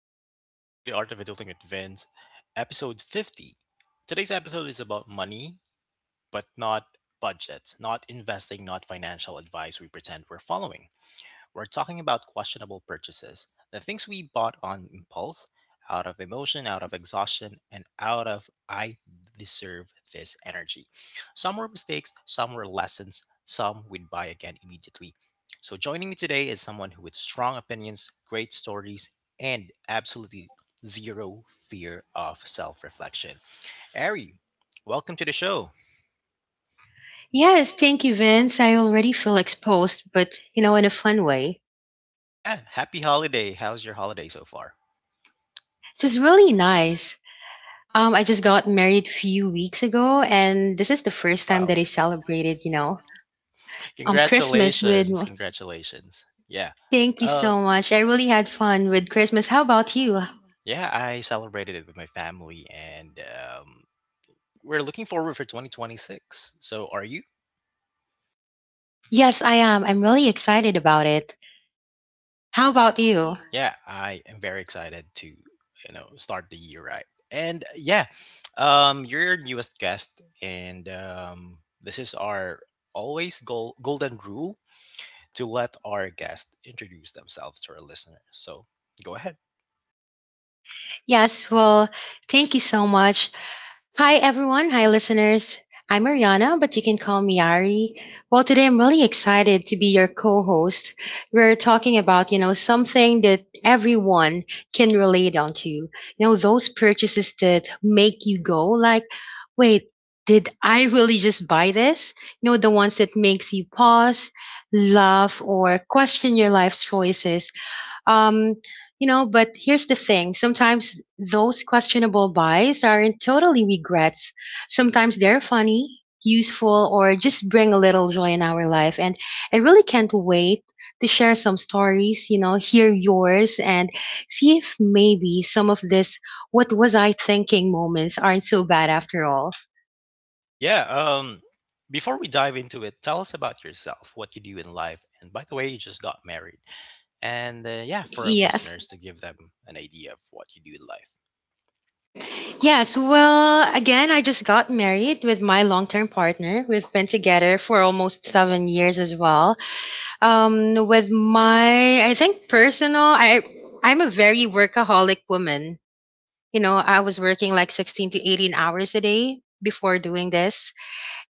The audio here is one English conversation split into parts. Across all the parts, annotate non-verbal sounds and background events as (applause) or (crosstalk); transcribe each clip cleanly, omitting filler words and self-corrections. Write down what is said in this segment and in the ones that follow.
everyone. Welcome back to the Art of Adulting with Vince, episode 50. Today's episode is about money, but not budgets, not investing, not financial advice we pretend we're following. We're talking about questionable purchases, the things we bought on impulse, out of emotion, out of exhaustion, and out of I deserve this energy. Some were mistakes, some were lessons, some we'd buy again immediately. So, joining me today is someone who with strong opinions, great stories, and absolutely zero fear of self reflection. Ari, welcome to the show. Yes, thank you, Vince. I already feel exposed, but you know, in a fun way. Yeah, happy holiday. How's your holiday so far? It was really nice. I just got married few weeks ago, and this is the first time Wow. that I celebrated, you know, Christmas with. Congratulations. Congratulations. Yeah. Thank you Uh so much. I really had fun with Christmas. How about you? yeah, I celebrated it with my family, and we're looking forward for 2026. So are you? Yes, I am. I'm really excited about it. How Great. about How? you? Yeah, I am very excited to, you know, start the year right. And yeah, you're our newest guest, and this is our always goal golden rule to let our guest introduce themselves to our listeners. So go ahead. Yes, well, thank you so much. Hi everyone, hi listeners. I'm Ariana, but you can call me Ari. Well, today I'm really excited to be your co-host. We're talking about, you know, something that everyone can relate on to. You know, those purchases that make you go like, wait, did I really just buy this? You know, the ones that makes you pause, laugh, or question your life's choices um, you know, but here's the thing. Sometimes those questionable buys aren't totally regrets. Sometimes they're funny, useful, or just bring a little joy in our life. And I really can't wait to share some stories, you know, hear yours and see if maybe some of this what was I thinking moments aren't so bad after all. Yeah. Before we dive into it, tell us about yourself, what you do in life, and by the way, you just got married. And yeah, for our Yes. listeners, to give them an idea of what you do in life. Yes. Well, again, I just got married with my long term partner. We've been together for almost seven years as well. With my, I think personal, I'm a very workaholic woman. You know, I was working like 16 to 18 hours a day before doing this,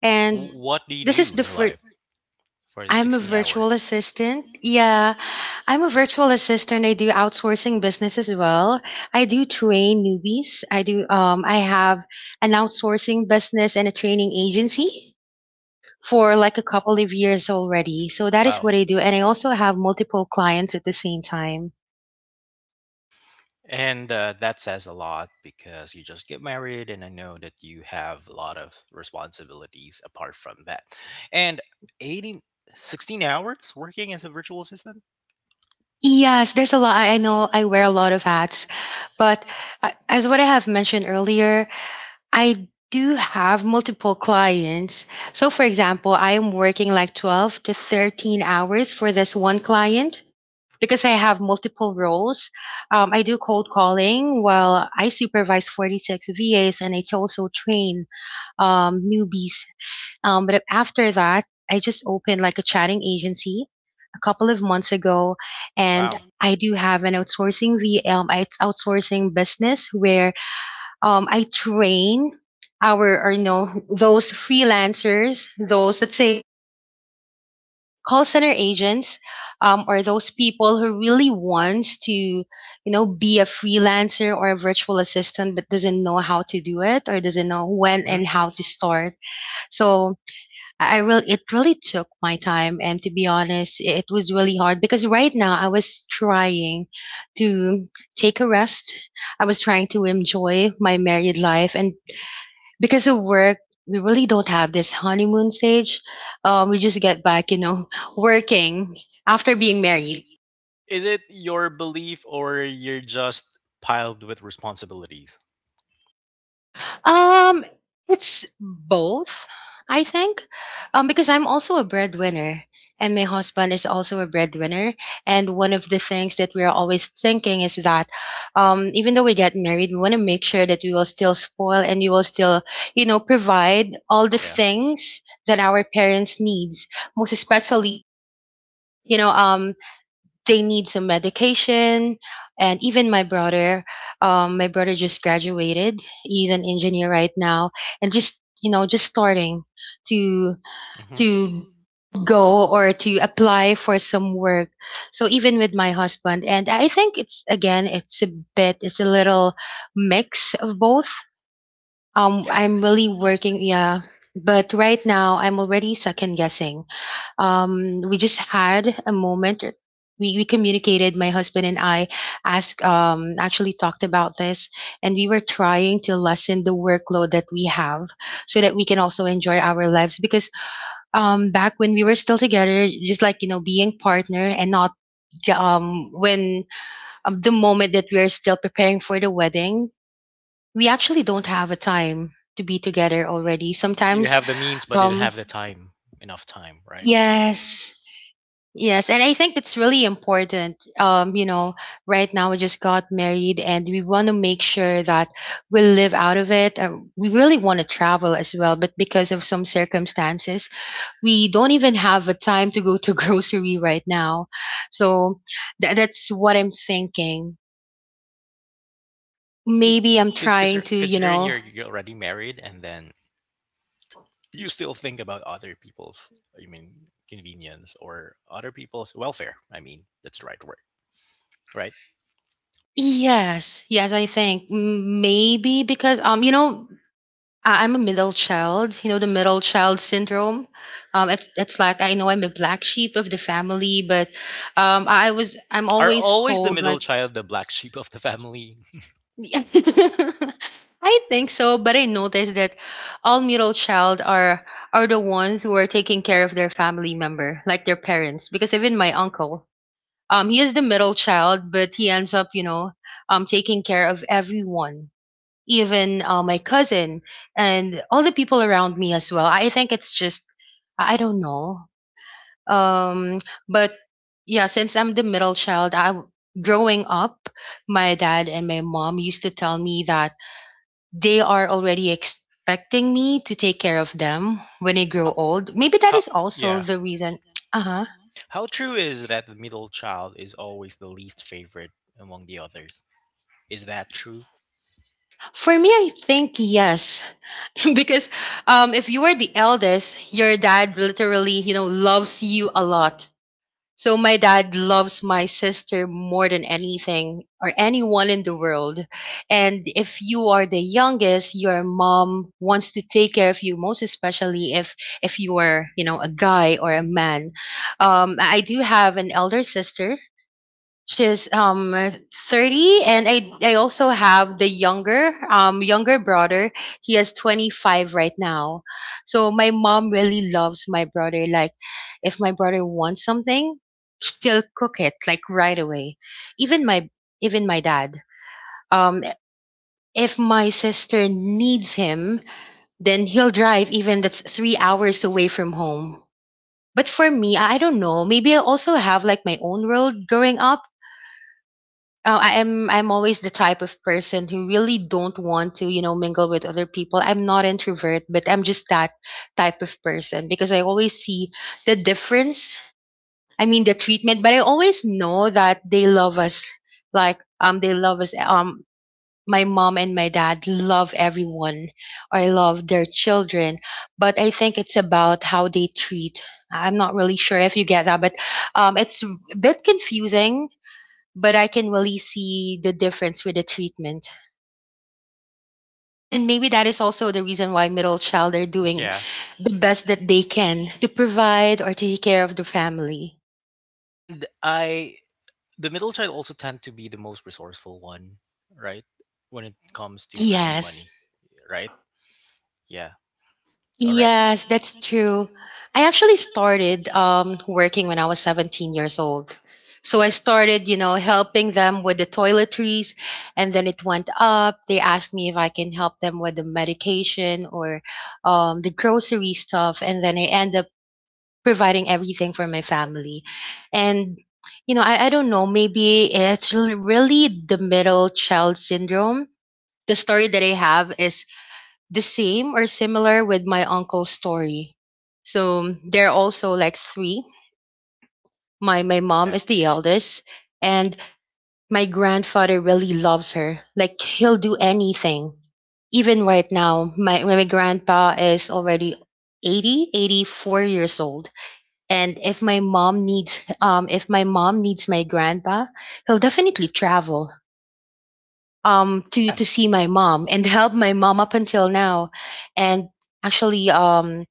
and What do you this is do the in first. life for I'm a 16 virtual hours? assistant. Yeah, I'm a virtual assistant. I do outsourcing business as well. I do train newbies. I do. I have an outsourcing business and a training agency for like a couple of years already. So that is Wow. what I do. And I also have multiple clients at the same time. And that says a lot because you just get married, and I know that you have a lot of responsibilities apart from that. And 18, 16 hours working as a virtual assistant? Yes, there's a lot. I know I wear a lot of hats, but as what I have mentioned earlier, I do have multiple clients. So, for example, I am working like 12 to 13 hours for this one client, because I have multiple roles. I do cold calling while I supervise 46 VAs and I also train, newbies. But after that, I just opened like a chatting agency a couple of months ago, and Wow. I do have an outsourcing VM, it's outsourcing business where, I train our or you know those freelancers, those let's say call center agents, or those people who really wants to you know be a freelancer or a virtual assistant but doesn't know how to do it or doesn't know when Hmm. and how to start. So I really it really took my time, and to be honest it was really hard because right now I was trying to take a rest. I was trying to enjoy my married life, and because of work we really don't have this honeymoon stage. We just get back you know (laughs) working after being married. Is it your belief, or you're just piled with responsibilities? um it's both. I think, because I'm also a breadwinner and my husband is also a breadwinner, and one of the things that we're always thinking is that, even though we get married we want to make sure that we will still spoil and we will still, you know, provide all the things that our parents needs, most especially, you know, they need some medication. And even my brother, my brother just graduated, he's an engineer right now and just, you know, just starting to Hmm. to go or to apply for some work. So even with my husband, and I think it's again, it's a bit, it's a little mix of both. Yeah, I'm really working, yeah, but right now I'm already second guessing. We just had a moment. We communicated, my husband and I asked, actually talked about this, and we were trying to lessen the workload that we have so that we can also enjoy our lives. Because, back when we were still together, just like, you know, being partner and not the, when the moment that we are still preparing for the wedding, we actually don't have a time to be together already. you Sometimes, have the means but didn't um, have the time, enough time, right? yes, yes, and I think it's really important. You know, right now we just got married and we want to make sure that we live out of it. We really want to travel as well, but because of some circumstances, we don't even have a time to go to (laughs) grocery right now. So that's what I'm thinking. I mean, Maybe I'm trying to, you considering know, you're already married and then you still think about other people's, I mean, convenience or other people's welfare. I mean, that's the right word, right? yes, yes, I think, maybe because, you know, I'm a middle child, you know, the middle child syndrome. It's like I know I'm a black sheep of the family, but, I'm Are always always the called middle like child the black sheep of the family? (laughs) I think so, but I noticed that all middle child are the ones who are taking care of their family member, like their parents, because even my uncle, he is the middle child, but he ends up, you know, taking care of everyone, even my cousin and all the people around me as well. I think it's just I don't know. Um, but yeah, since I'm the middle child, growing up, my dad and my mom used to tell me that they are already expecting me to take care of them when I grow (laughs) old. Maybe that how, is also yeah. the reason. Uh huh. How true is that the middle child is always the least favorite among the others? Is that true? For me, I think yes, (laughs) because, if you are the eldest, your dad literally, you know, loves you a lot. So my dad loves my sister more than anything or anyone in the world. And if you are the youngest, your mom wants to take care of you, most especially if you are, you know, a guy or a man. I do have an elder sister. She's 30, and I also have the younger younger brother. He is 25 right now. So my mom really loves my brother, like if my brother wants something, she'll cook it like right away. Even my even my dad. Um if my sister needs him, then he'll drive even that's 3 hours away from home. But for me, I don't know. Maybe I also have like my own world growing up. Oh, I'm always the type of person who really don't want to, you know, mingle with other people. I'm not introvert, but I'm just that type of person because I always see the difference. I mean the treatment, but I always know that they love us. Like they love us, my mom and my dad love everyone or love their children. But I think it's about how they treat. I'm not really sure if you get that, but, it's a bit confusing, but I can really see the difference with the treatment. And maybe that is also the reason why middle child are doing Yeah. the best that they can to provide or take care of the family. And I, the middle child also tend to be the most resourceful one, right? When it comes to earning Yes. money, right? Yeah. All right. Yes, that's true. I actually started working when I was 17 years old. So I started, you know, helping them with the toiletries, and then it went up. They asked me if I can help them with the medication or the grocery stuff, and then I end up providing everything for my family. And, you know, I don't know, maybe it's really the middle child syndrome. The story that I have is the same or similar with my uncle's story. So they're also like three. My mom Yeah. is the eldest and my grandfather really loves her. Like he'll do anything. Even right now, my grandpa is already 84 years old. And if my mom needs, if my mom needs my grandpa, he'll definitely travel to Yeah. to see my mom and help my mom up until now. And actually,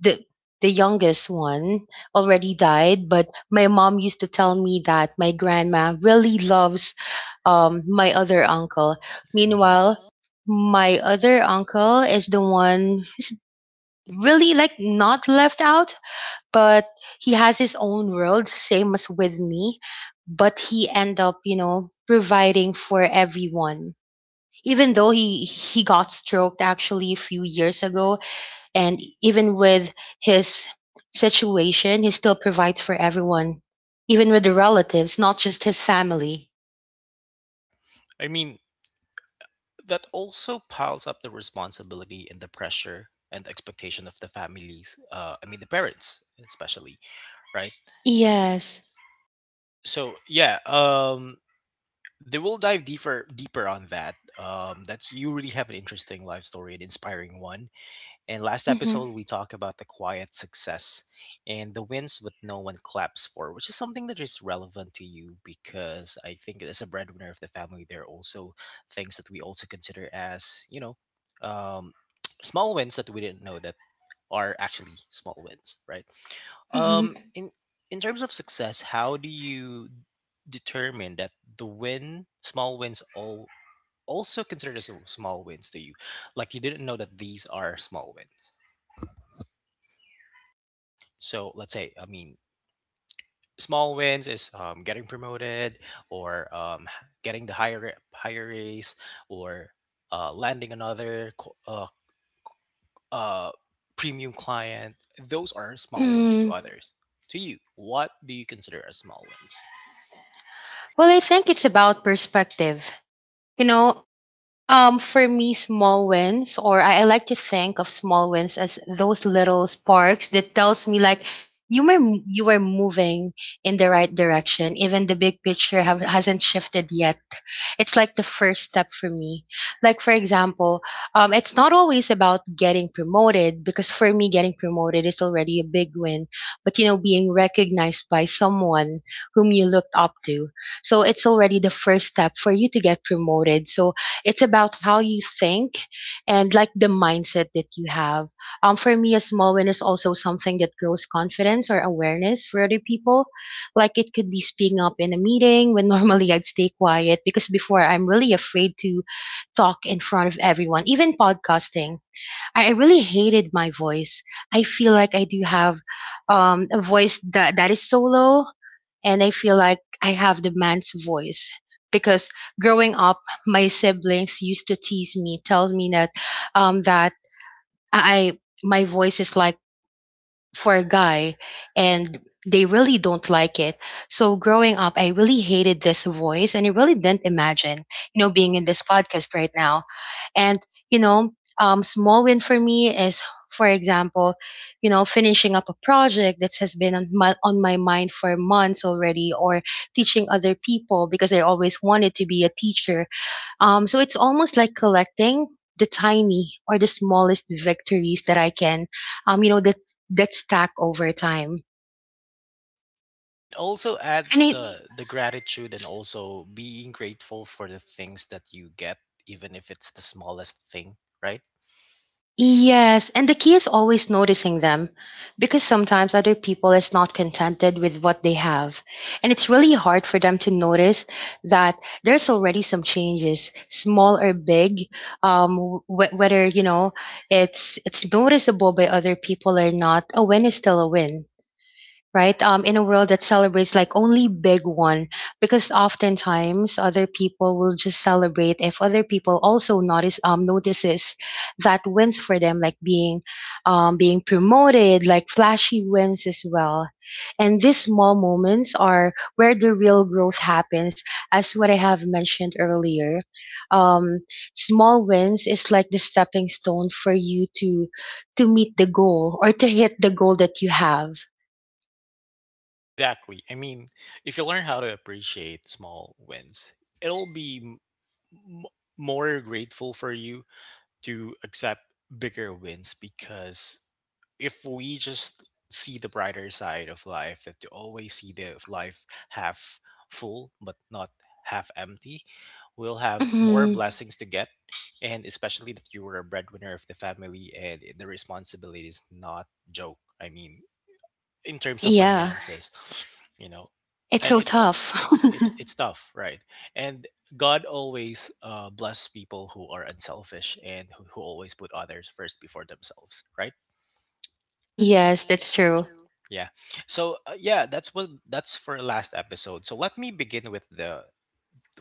the youngest one already died, but my mom used to tell me that my grandma really loves, my other uncle. Meanwhile Mhm. my other uncle is the one really like not left out, but he has his own world same as with me. But he end up, you know, providing for everyone, even though he got stroked actually a few years ago. And even with his situation he still provides for everyone, even with the relatives, not just his family. Yeah. I mean, that also piles up the responsibility and the pressure and the expectation of the families. I mean, the parents especially, right? Yes. So yeah. They will dive deeper on that. That's, you really have an interesting life story, an inspiring one. And last Hmm. episode we talked about the quiet success and the wins with no one claps for, which is something that is relevant to you, because I think as a breadwinner of the family, there are also things that we also consider as, you know, um (tsk) small wins that we didn't know that are actually small wins, right? Um, Hmm. in in terms of success, how do you determine that the win, small wins, all also considered as small wins to you? Like you didn't know that these are small wins. So let's say, I mean, small wins is getting promoted, or getting the higher raise, or landing another uh, premium client. Those aren't small wins to Mm. others. To you, what do you consider as small wins? Well, I think it's about perspective. You know, for me, small wins, or I like to think of small wins as those little sparks that tells me like you are moving in the right direction. Even the big picture hasn't shifted yet. It's like the first step for me. Like for example, it's not always about getting promoted because for me, getting promoted is already a big win. But you know, being recognized by someone whom you looked up to, so it's already the first step for you to get promoted. So it's about how you think and like the mindset that you have. For me, a small win is also something that grows confidence or awareness for other people. Like it could be speaking up in a meeting when (laughs) normally I'd stay quiet because before I'm really afraid to talk in front of everyone, even podcasting. I really hated my voice. I feel like I do have a voice that is so low, and I feel like I have the man's voice because growing up, my siblings used to tease me, tell me that that I my voice is like for a guy, and they really don't like it. So growing up, I really hated this voice and I really didn't imagine, you know, being in this podcast right now. And, you know, small win for me is, for example, you know, finishing up a project that has been on on my mind for months already, or teaching other people because I always wanted to be a teacher. So it's almost like collecting the tiny or the smallest victories that I can, that stack over time. It also adds And it the gratitude and also being grateful for the things that you get, even if it's the smallest thing, right? Yes, and the key is always noticing them, because sometimes other people is not contented with what they have, and it's really hard for them to notice that there's already some changes, small or big, whether you know it's noticeable by other people or not. A win is still a win, right? In a world that celebrates like only big one, because oftentimes other people will just celebrate if other people also notices that wins for them, like being promoted, like flashy wins as well. And these small moments are where the real growth happens, as what I have mentioned earlier. Um, Small wins is like the stepping stone for you to meet the goal or to hit the goal that you have. Exactly. I mean, if you learn how to appreciate small wins, it'll be m- more grateful for you to accept bigger wins. Because if we just see the brighter side of life, that to always see the life half full but not half empty, we'll have more Mm. blessings to get. And especially that you were a breadwinner of the family, and the responsibility is not joke. I mean, in terms of Yeah, finances, you know, it's and so tough. (laughs) it's (laughs) it's tough, right? And god always bless people who are unselfish and who, always put others first before themselves, right? Yes, that's true. Yeah. So yeah, that's what, that's for last episode. So let me begin with the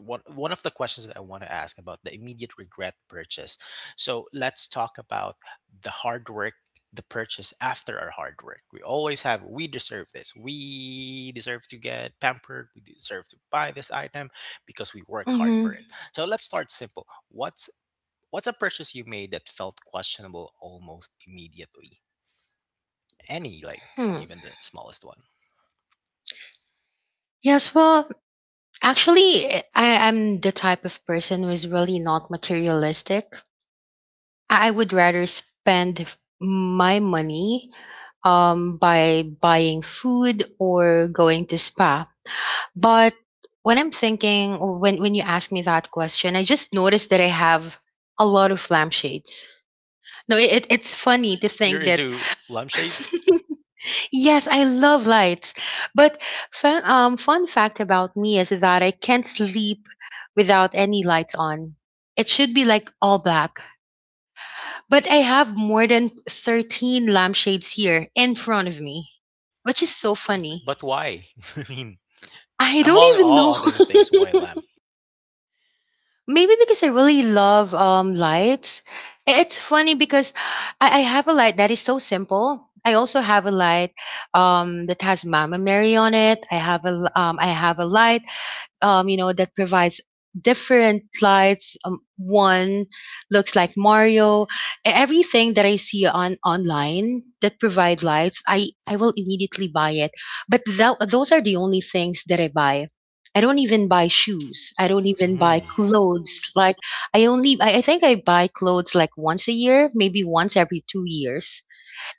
one of the questions that I want to ask about the immediate regret purchase. So let's talk about the hard work, the purchase after our hard work. We always have we deserve this. We deserve to get pampered. We deserve to buy this item because we work hard Hmm. for it. So let's start simple. What's a purchase you made that felt questionable almost immediately? Any like Hmm. even the smallest one. Yes, well, actually, I am the type of person who is really not materialistic. I would rather spend my money by buying food or going to spa. But when I'm thinking, or when you ask me that question, I just noticed that I have a lot of lampshades. No, it's funny to You're think that. into lampshades, (laughs) Yes, I love lights. But fun fact about me is that I can't sleep without any lights on. It should be like all black. But I have more than 13 lampshades here in front of me, which is so funny. but why? (laughs) I mean, I don't among even all know. other things, YLAM. (laughs) Maybe because I really love lights. I- It's funny because I have a light that is so simple. I also have a light that has Mama Mary on it. I have a I have a light you know, that provides different lights. One looks like Mario. E- Everything that I see on online that provide lights, I will immediately buy it. But tho- those are the only things that I buy. I don't even buy shoes. I don't even buy Mm, clothes. Like I think I buy clothes like once a year, maybe once every 2 years,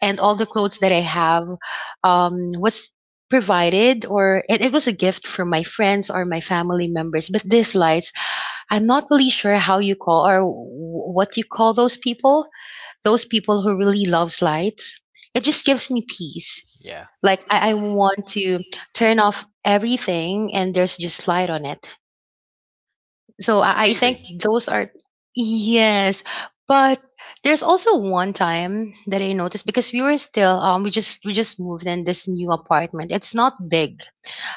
and all the clothes that I have was provided, or it was a gift from my friends or my family members. But these lights, I'm not really sure how you call or wh- what you call those people. Those people who really loves lights. It just gives me peace. yeah. Like I want to turn off everything and there's just light on it. So I Amazing. think those are. Yes. But there's also one time that I noticed because we were still we just moved in this new apartment. It's not big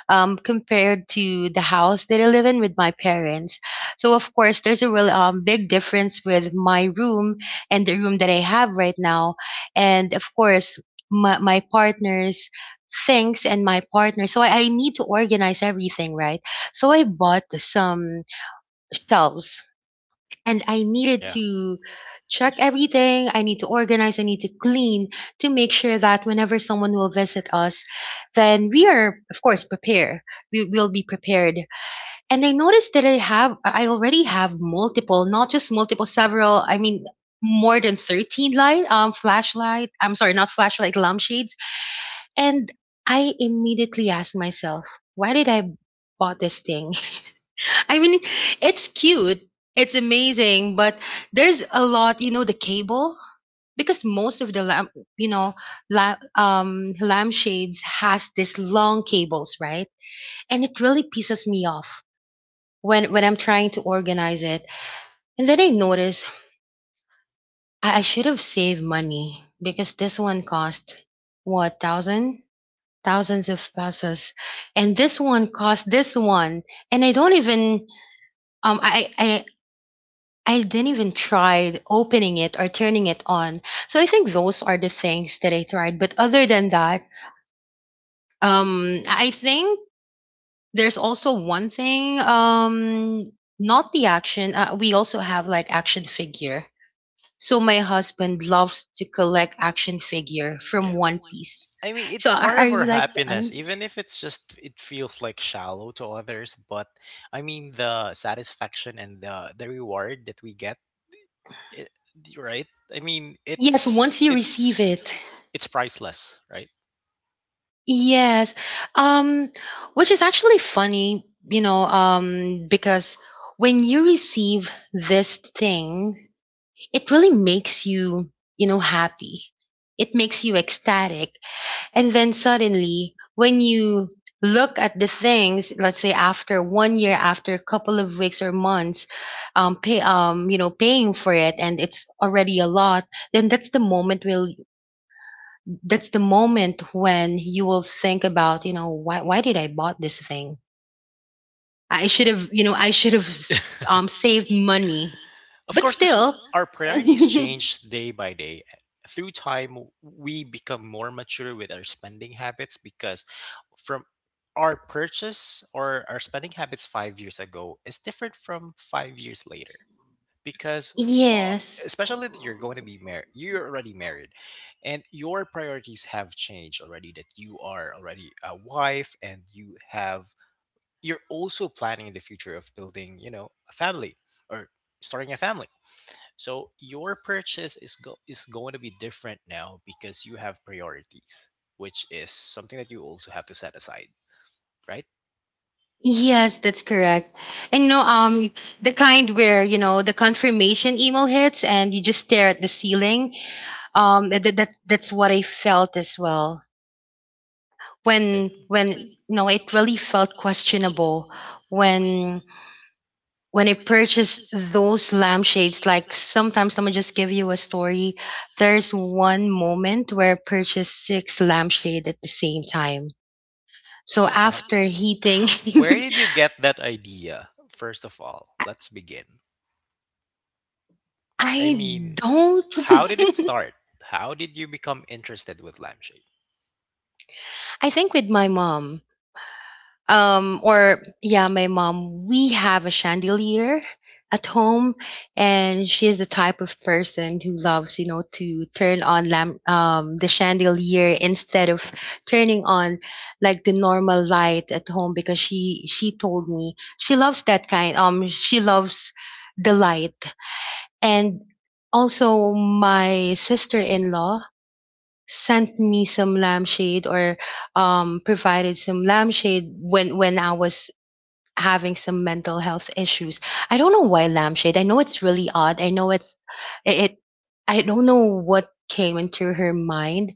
compared to the house that I live in with my parents. So of course there's a real big difference with my room and the room that I have right now. And of course my partner's things and my partner. So I need to organize everything, right? So I bought some shelves, and I needed Yeah. to check everything. I need to organize, I need to clean to make sure that whenever someone will visit us, then we are of course prepared. We will be prepared. And I noticed that I already have multiple, not just multiple, several, I mean more than 13 light flashlight, I'm sorry, not flashlight, lampshades, and I immediately asked myself, why did I bought this thing? (laughs) I mean, it's cute. It's amazing, but there's a lot, you know, the cable because most of the lamp, you know, lampshades has these long cables, right? And it really pisses me off when I'm trying to organize it. And then I notice I should have saved money because this one cost what thousand thousands of pesos, and this one cost this one, and I don't even um I I I didn't even try opening it or turning it on. So I think those are the things that I tried. But other than that, I think there's also one thing, not the action. We also have like action figure. So my husband loves to collect action figure Yeah. from One Piece. I mean, So it's part are of our you like, the anime? happiness, even if it's just, it feels like shallow to others. But I mean, the satisfaction and the reward that we get, it, right? I mean, Yes, once you receive it. it's priceless, right? Yes. Um, which is actually funny, you know, because when you receive this thing, it really makes you, you know, happy. It makes you ecstatic. And then suddenly, when you look at the things, let's say after 1 year, after a couple of weeks or months, you know, paying for it, and it's already a lot, then that's the moment when you will think about, you know, why did I bought this thing, I should have, you know, I should have s- (laughs) saved money. Of But course, because still, our priorities (laughs) (laughs) change day by day. Through time, we become more mature with our spending habits. Because from our purchase or our spending habits 5 years ago is different from 5 years later. Because uh, yes. especially that you're going to be married, you're already married, and your priorities have changed already. That you are already a wife, and you have you're also planning the future of building, you know, a family, or starting a family. So your purchase is going to be different now because you have priorities, which is something that you also have to set aside, right? Yes, that's correct. And you know, the kind where you know the confirmation email hits and you just stare at the ceiling, that's what I felt as well, when (laughs) when you know it really felt questionable when I purchased those lampshades, like sometimes someone just give you a story. There's one moment where I purchased six lampshade at the same time. So Wow. after heating, Where (laughs) did you get that idea? First of all, let's begin. (laughs) I I mean, don't. how did it (laughs) start? How did you become interested with lampshade? I think with my mom. Or yeah my mom, we have a chandelier at home, and she is the type of person who loves, you know, to turn on lamp the chandelier instead of turning on like the normal light at home, because she told me she loves that kind, she loves the light. And also my sister-in-law sent me some lampshade or provided some lampshade when I was having some mental health issues. I don't know why lampshade. I know it's really odd. I know it's it, it I don't know what came into her mind,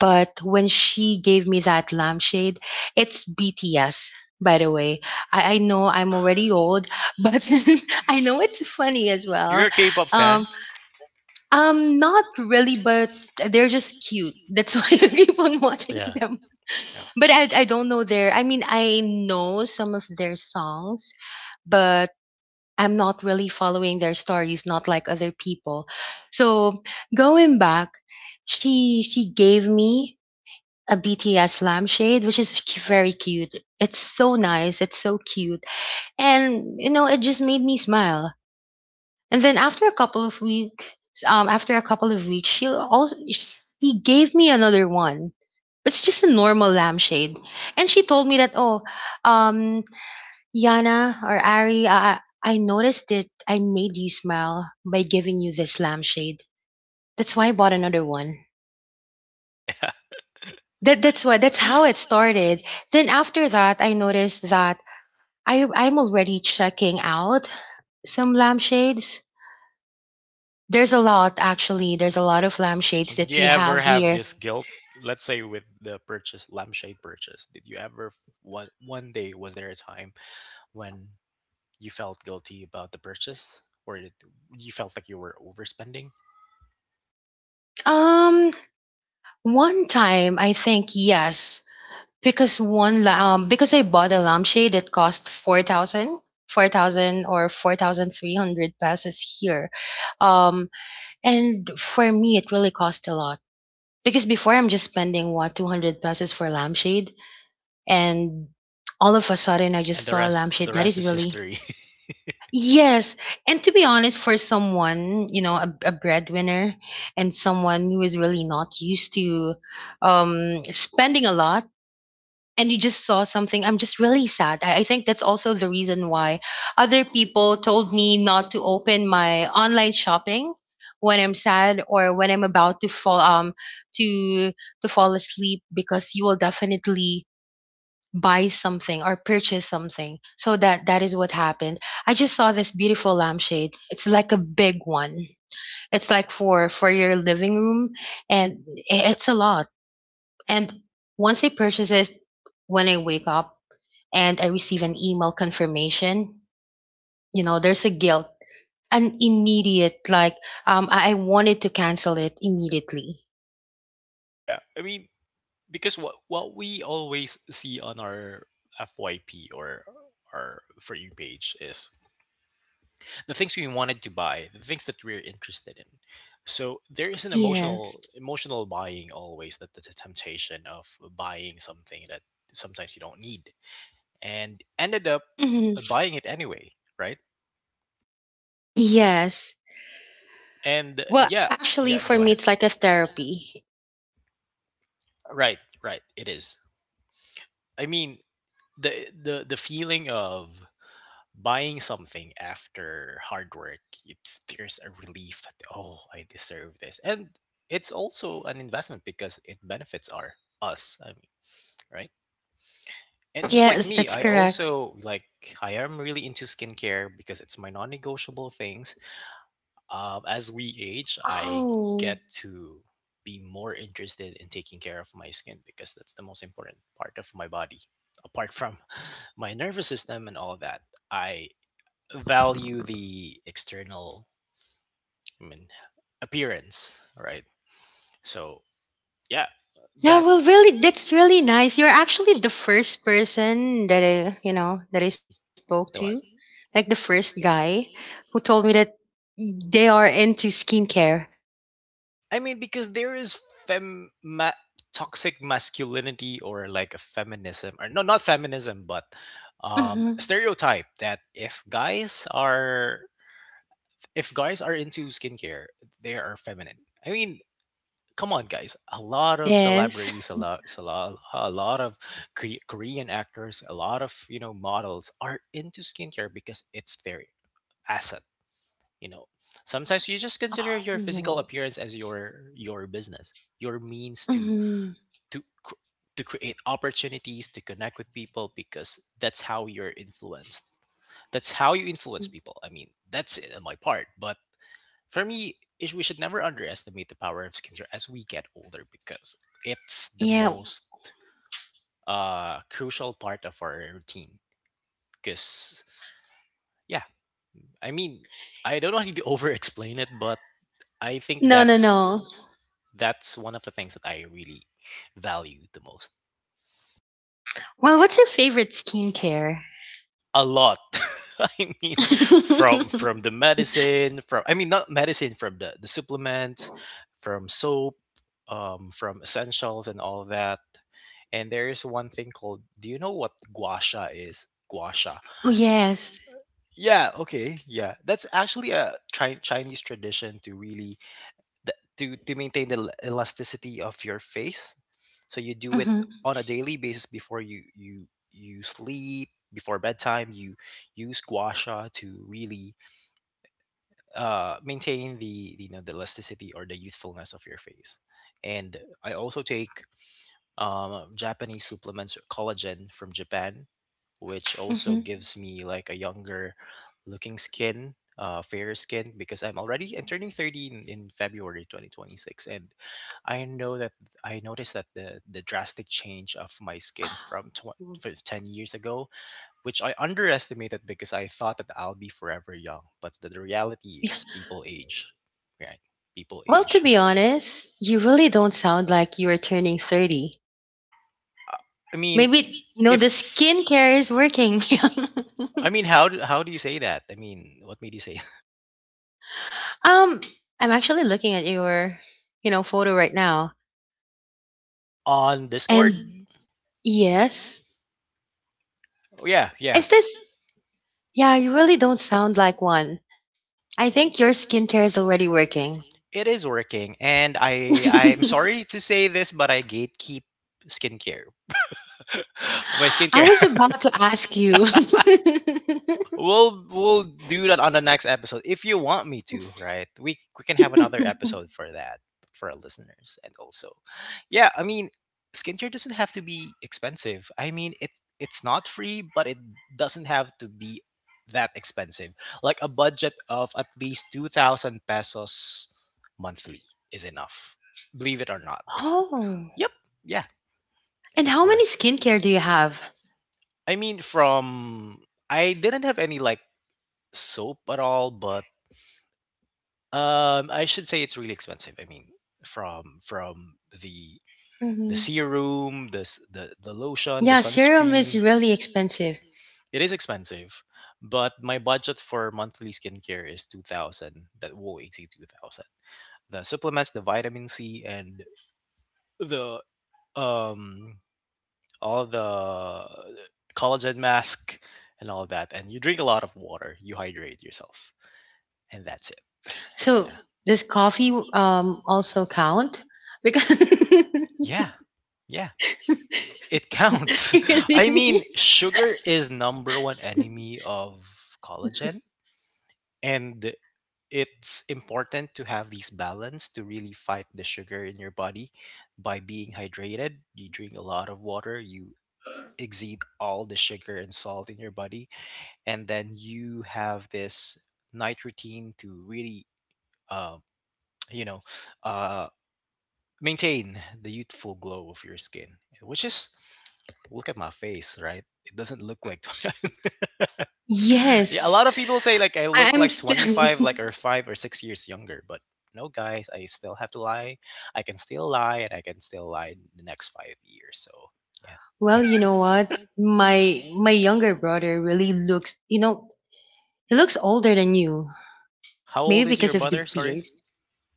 but when she gave me that lampshade, it's BTS. By the way, I know I'm already old, but Think (laughs) I know it's (laughs) funny as You're a well. well. K-pop fan? Um, Not really, but they're just cute. That's (laughs) why I (laughs) keep on wanted. watching Yeah. them, Yeah. but I don't know their I mean I know some of their songs, but I'm not really following their stories, not like other people. So going back, she gave me a BTS lampshade, which is cu- very cute. It's so nice. It's so cute, and you know, it just made me smile. And then after a couple of weeks, she also she gave me another one. It's just a normal lampshade, and she told me that, oh, um, Yana or Ari, I noticed it. I made you smile by giving you this lampshade. That's why I bought another one. (laughs) Yeah. That's how it started. Then after that, I noticed that I'm already checking out some lampshades. There's a lot actually. There's a lot of lampshades Did that you we ever have have here. this guilt? Let's say with the purchase, lampshade purchase. Did you ever one day was there a time when you felt guilty about the purchase, or did you felt like you were overspending? Um, One time I think yes. Because one because I bought a lampshade that cost 4,000 or 4,300 pesos here. Um and for me it really cost a lot because before I'm just spending what 200 pesos for lampshade, and all of a sudden I And just saw a lampshade the that rest is is really. history. Yes, and to be honest, for someone, you know, a breadwinner and someone who is really not used to spending a lot. And you just saw something. I'm just really sad. I think that's also the reason why other people told me not to open my online shopping when I'm sad or when I'm about to to fall asleep because you will definitely buy something or purchase something. So that is what happened. I just saw this beautiful lampshade. It's like a big one. It's like for your living room, and it's a lot. And once I purchase it, when I wake up and I receive an email confirmation, you know, there's a guilt, an immediate like, I wanted to cancel it immediately. (laughs) Yeah, I mean, because what we always see on our FYP, or our for you page, is the things we wanted to buy, the things that we're interested in. So there is an Yes. Emotional buying always. That that's a temptation of buying something that sometimes you don't need and ended up Hmm. buying it anyway, right? Yes. And Well, yeah, actually, yeah, for go me, ahead. it's like a therapy. Right, right, it is. I mean, the feeling of buying something after hard work, it, there's a relief that oh, I deserve this. And it's also an investment because it benefits our us, I mean, right? And just like Yes, me, yes, that's I correct. also like I am really into skincare because it's my non-negotiable things. As we age, I get Oh. Mm. to be more interested in taking care of my skin, because that's the most important part of my body apart from (laughs) my nervous system and all that. I value the external, I mean, appearance, right? So yeah. Yeah, no, Yeah, well, that's really, that's really nice. You're actually the first person that I spoke to, the one. like the first guy who told me that they are into skincare. I mean, because there is fem ma- toxic masculinity, or like a feminism or no not feminism, but Hmm. stereotype that if guys are, if guys are into skincare, they are feminine. I mean, come on guys, a lot of Yes. celebrities, a lot, a lot of korean actors, a lot of, you know, models are into skincare because it's their asset, you know. Sometimes you just consider your physical Oh. appearance as your business, your means to Mhm. to cr- to create opportunities, to connect with people, because that's how you're influenced, that's how you influence people. I mean, that's it on my part. But for me, we should never underestimate the power of skincare as we get older, because it's the Yeah. Yeah. most crucial part of our routine. Because, yeah, I mean, I don't want to (laughs) over explain it, but I think No, no, No, no, that's no. no. That's one of the things that I really value the most. Well, what's your favorite skincare? A lot. (laughs) I (laughs) mean, from Oh, the medicine, from I mean not medicine, from the supplements, from soap, from essentials and all that. And there is one thing called. Do you know what gua sha is? Gua sha. Mm. yes. Yeah. Okay. Yeah. That's actually a Chinese tradition to really to maintain the elasticity of your face. So you do it Hmm. on a daily basis before you you sleep before bedtime you use gua sha to really maintain the the elasticity or the youthfulness of your face and I also take Japanese supplements, collagen from Japan, which also Hmm. gives me like a younger looking skin, fairer skin because I'm turning 30 in February 2026, and I know that I noticed that the drastic change of my skin from 10 years ago, which I underestimated because I thought that I'll be forever young. But the Yeah. reality is people age, right? People Well, to age. be honest, you really don't sound like you are turning 30. (laughs) I mean, no, Maybe, you know, the if skincare is working. (laughs) I mean, how do you say that? I mean, what made you say (laughs) (laughs) um, I'm actually looking at your, you know, photo right now. on Discord? And yes, Oh, yeah, yeah, is this, yeah, you really don't sound like one. I think your skincare is already working. it is working, and I'm (laughs) (laughs) sorry to say this, but I gatekeep skincare. (laughs) My I skincare, was about to ask you. we'll do that on the next episode if you want me to, right? We can have another (laughs) episode for that, for our listeners, and also, yeah. I mean, skincare doesn't have to be expensive. I mean, it, it's not free, but it doesn't have to be that expensive. Like a budget of at least 2,000 pesos monthly is enough. Believe it or not. Oh. Yep. Yeah, And it how many worked. skincare do you have? I mean, from I didn't have any like soap at all, but I should say it's really expensive. I mean, from the Hmm. serum, the lotion, the Yeah, serum is sunscreen, really expensive. it is expensive. But my budget for monthly skincare is 2,000. That won't exceed 2,000. The supplements, the vitamin C, and the um all the collagen mask and all that. And you drink a lot of water. You hydrate yourself, and that's it. So Yeah, does coffee also count? Because (laughs) yeah, yeah. It counts. (laughs) I mean, sugar is number one enemy of collagen, and it's important to have these balance to really fight the sugar in your body by being hydrated. You drink a lot of water, you exceed all the sugar and salt in your body, and then you have this night routine to really, uh, (tsk) you know, uh, maintain the youthful glow of your skin, which is look at my face, right? It doesn't look like 20. (laughs) Yeah, a yes, lot of people say like I I- look I'm like still. 25, like, (laughs) or 5 or 6 years younger, but no, guys, I still have to lie. I can still lie, and I can still lie in the next 5 years. So yeah, Well, you know what? My younger brother really looks. You know, he looks older than you. how old Maybe is because your of the brother? Sorry, beard.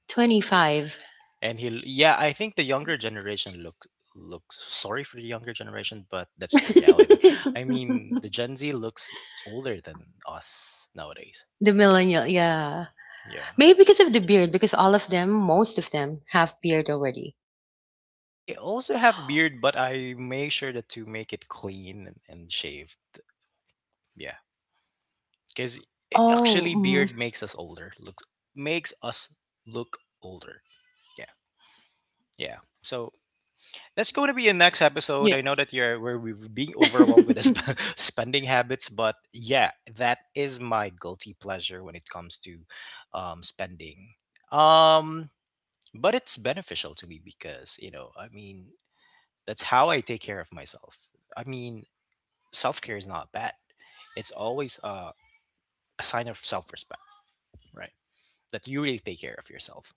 25. and he, yeah, I think the younger generation looks, sorry for the younger generation, but that's the reality. (laughs) (laughs) I mean, the Gen Z looks older than us nowadays. The The Yeah, millennial, millennial, yeah. yeah, yeah. Maybe because of the beard, because all of them, most of them, have beard already. I also have beard, but I make sure that to make it clean and shaved. Yeah, because Oh, actually beard makes us older. Look, makes us look older. Yeah, yeah. So that's going to be the next episode. yeah. I know that you're where we've being overwhelmed with the (laughs) (laughs) spending habits, but yeah, that is my guilty pleasure when it comes to spending. Um, but it's beneficial to me because I mean, that's how I take care of myself. I mean, self care is not bad. It's always a sign of self respect, right? That you really take care of yourself.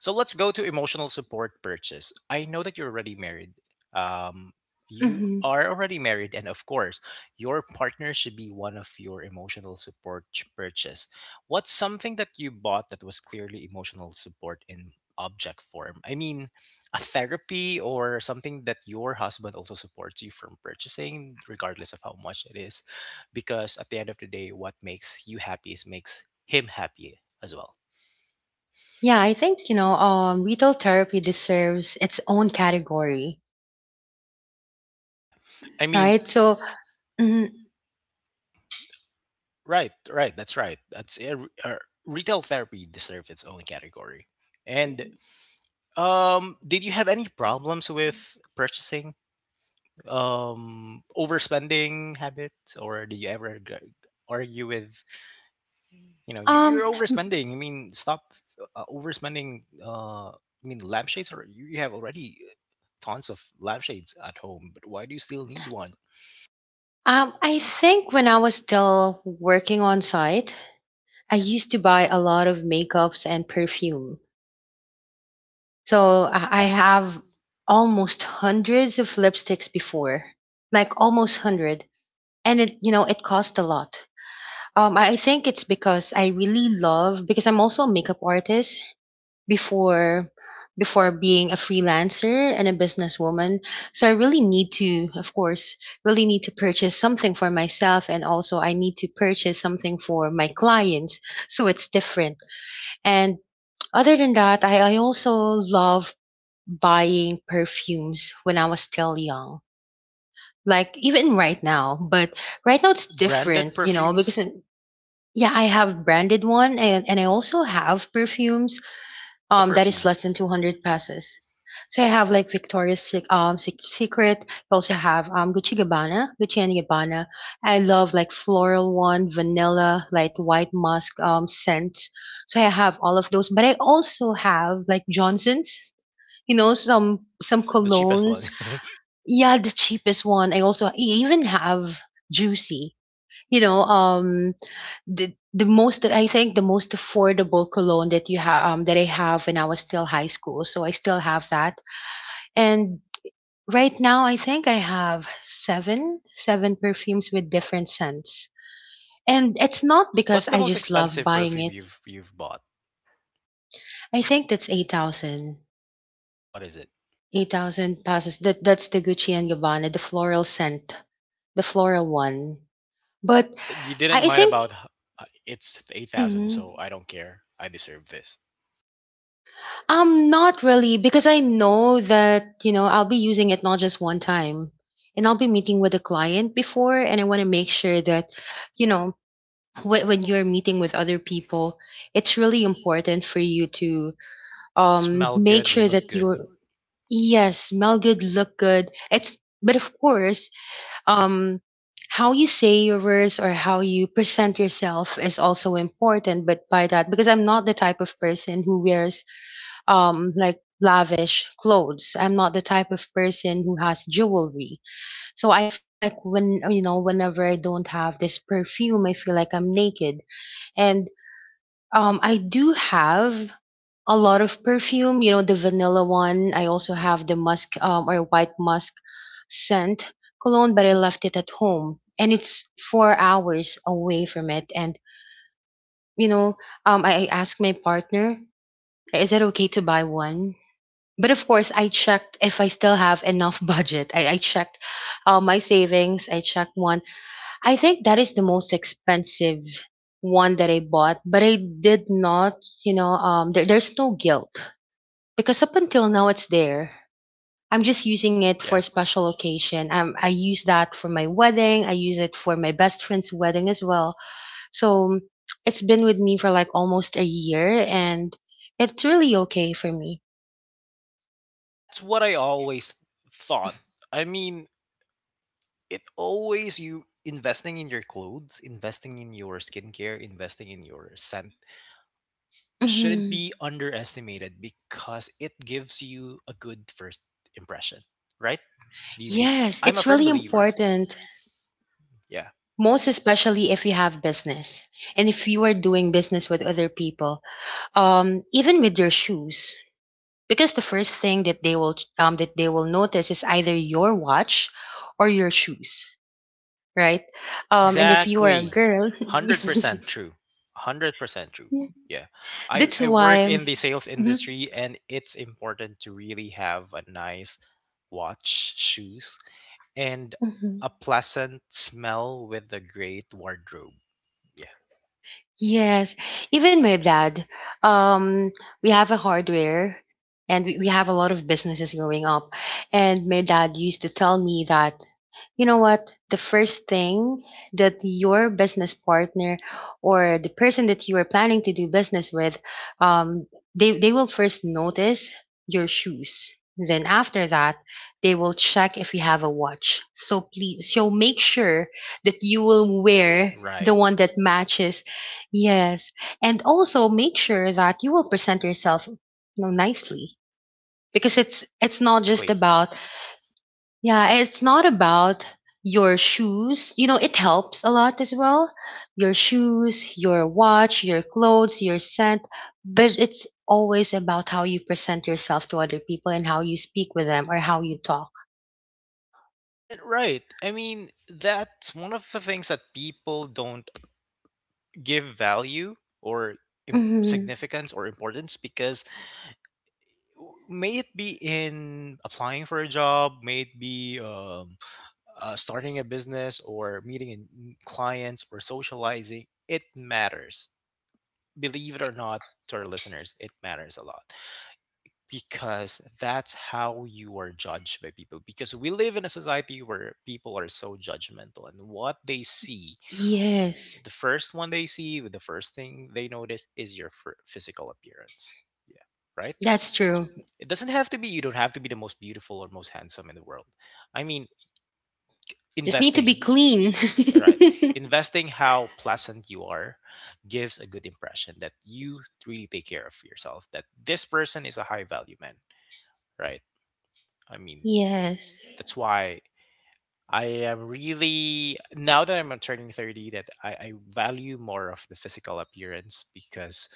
So let's go to emotional support purchase. I know that you're already married. Um, you Hmm. are already married, and of course, your partner should be one of your emotional support purchase. What's something that you bought that was clearly emotional support in object form? I mean, a therapy or something that your husband also supports you from purchasing, regardless of how much it is, because at the end of the day, what makes you happy is makes him happy as well. Yeah, I think, you know, retail therapy deserves its own category, Yeah, I mean, right? So, mm, right, right. That's right. That's retail therapy deserves its own category. And did you have any problems with purchasing, overspending habits, or did you ever argue with, you know, you're um, overspending? I mean, stop overspending. I mean, lampshades are you have already tons of lampshades at home, but why do you still need one? I think when I was still working on site, I used to buy a lot of makeups and perfume. So I Yeah, have almost hundreds of lipsticks before, like almost 100, and it, you know, it cost a lot. I think it's because I really love, because I'm also a makeup artist before before being a freelancer and a businesswoman. So I really need to, of course, really need to purchase something for myself, and also I need to purchase something for my clients. So it's different. And other than that, I also love buying perfumes when I was still young. Like even right now, but right now it's branded different, you know, perfumes. because yeah, I have branded one, and I also have perfumes What that is less perfumes? than 200 pesos. So I have like Victoria's Secret. I also have Gucci and Gabbana. I love like floral one, vanilla, like white musk scents. So I have all of those, but I also have like Johnson's, you know, some Yeah, some the cheapest colognes. one. (laughs) Yeah, the cheapest one. I even have Juicy. You know, the most I think the most affordable cologne that you have, that I have when I was still high school. So I still have that. And right now, I think I have seven perfumes with different scents. And it's not What's because the I most just love expensive buying perfume it. You've bought? I think that's 8,000. What is it? 8,000 pesos. That that's the Gucci and Gabbana, the floral scent, the floral one. But You didn't I mind think. about h- it's 8,000, so Mhm. I don't care. I deserve this. Not really, because I know that, you know, I'll be using it not just one time. And I'll be meeting with a client before, and I want to make sure that, you know, when you're meeting with other people, it's really important for you to Smell make good, sure look that good. you're, yes, smell good, look good. It's but of course, um how you say your words or how you present yourself is also important. But by that, because I'm not the type of person who wears like lavish clothes. I'm not the type of person who has jewelry. So I feel like when, you know, whenever I don't have this perfume, I feel like I'm naked. And I do have a lot of perfume, you know, the vanilla one. I also have the musk, or white musk scent cologne, but I left it at home. And it's 4 hours away from it. And you know, I asked my partner, is it okay to buy one? But of course, I checked if I still have enough (laughs) budget. I checked, my savings. I checked one. I think that is the most expensive one that I bought, but I did not, you know, there's no guilt because up until now it's there. I'm just using it for Yeah. special occasion. I use that for my wedding. I use it for my best friend's wedding as well. So it's been with me for like almost a year, and it's really okay for me. That's what I always thought. I mean, it always you investing in your clothes, investing in your skincare, investing in your scent shouldn't Hmm. be underestimated because it gives you a good first impression, right? Do you be- Yes, I'm a it's firm really believer. important, Yeah. most especially if you have business and if you are doing business with other people, even with your shoes, because the first thing that they will, notice is either your watch or your shoes, right? And if you are Exactly. a girl, 100% true. 100% true. (laughs) Yeah. That's I work why. in the sales industry and it's important to really have a nice watch, shoes, and Mhm. a pleasant smell with a great wardrobe. Yeah. Yes, even my dad. Um, we have a hardware, and we have a lot of businesses growing up. And my dad used to tell me that, you know what? The first thing that your business partner or the person that you are planning to do business with, um, they will first notice your shoes. Then after that, they will check if you have a watch. So please, so make sure that you will wear the Right. one that matches. Yes. And also make sure that you will present yourself, you know, nicely, because it's not just Exactly. about, yeah, it's not about your shoes. You know, it helps a lot as well. Your shoes, your watch, your clothes, your scent, but it's always about how you present yourself to other people and how you speak with them or how you talk. And right. I mean, that's one of the things that people don't give value or Hmm. significance or importance because may it be in applying for a job, may it be starting a business or meeting clients or socializing, it matters. Believe it or not, to our listeners, it matters a lot, because that's how you are judged by people, because we live in a society where people are so judgmental, and what they see Yes, the Yes. first one they see, the first thing they notice is your physical appearance, yeah, right. that's true. It doesn't have to be, you don't have to be the most beautiful or most handsome in the world. I mean, you need Just need to investing be to be clean. clean. Right. (laughs) Investing how pleasant you are gives a good impression that you really take care of yourself, that this person is a high value man, right? I mean, (laughs) Yes. that's why I am really now that I'm turning 30, that I value more of the physical appearance because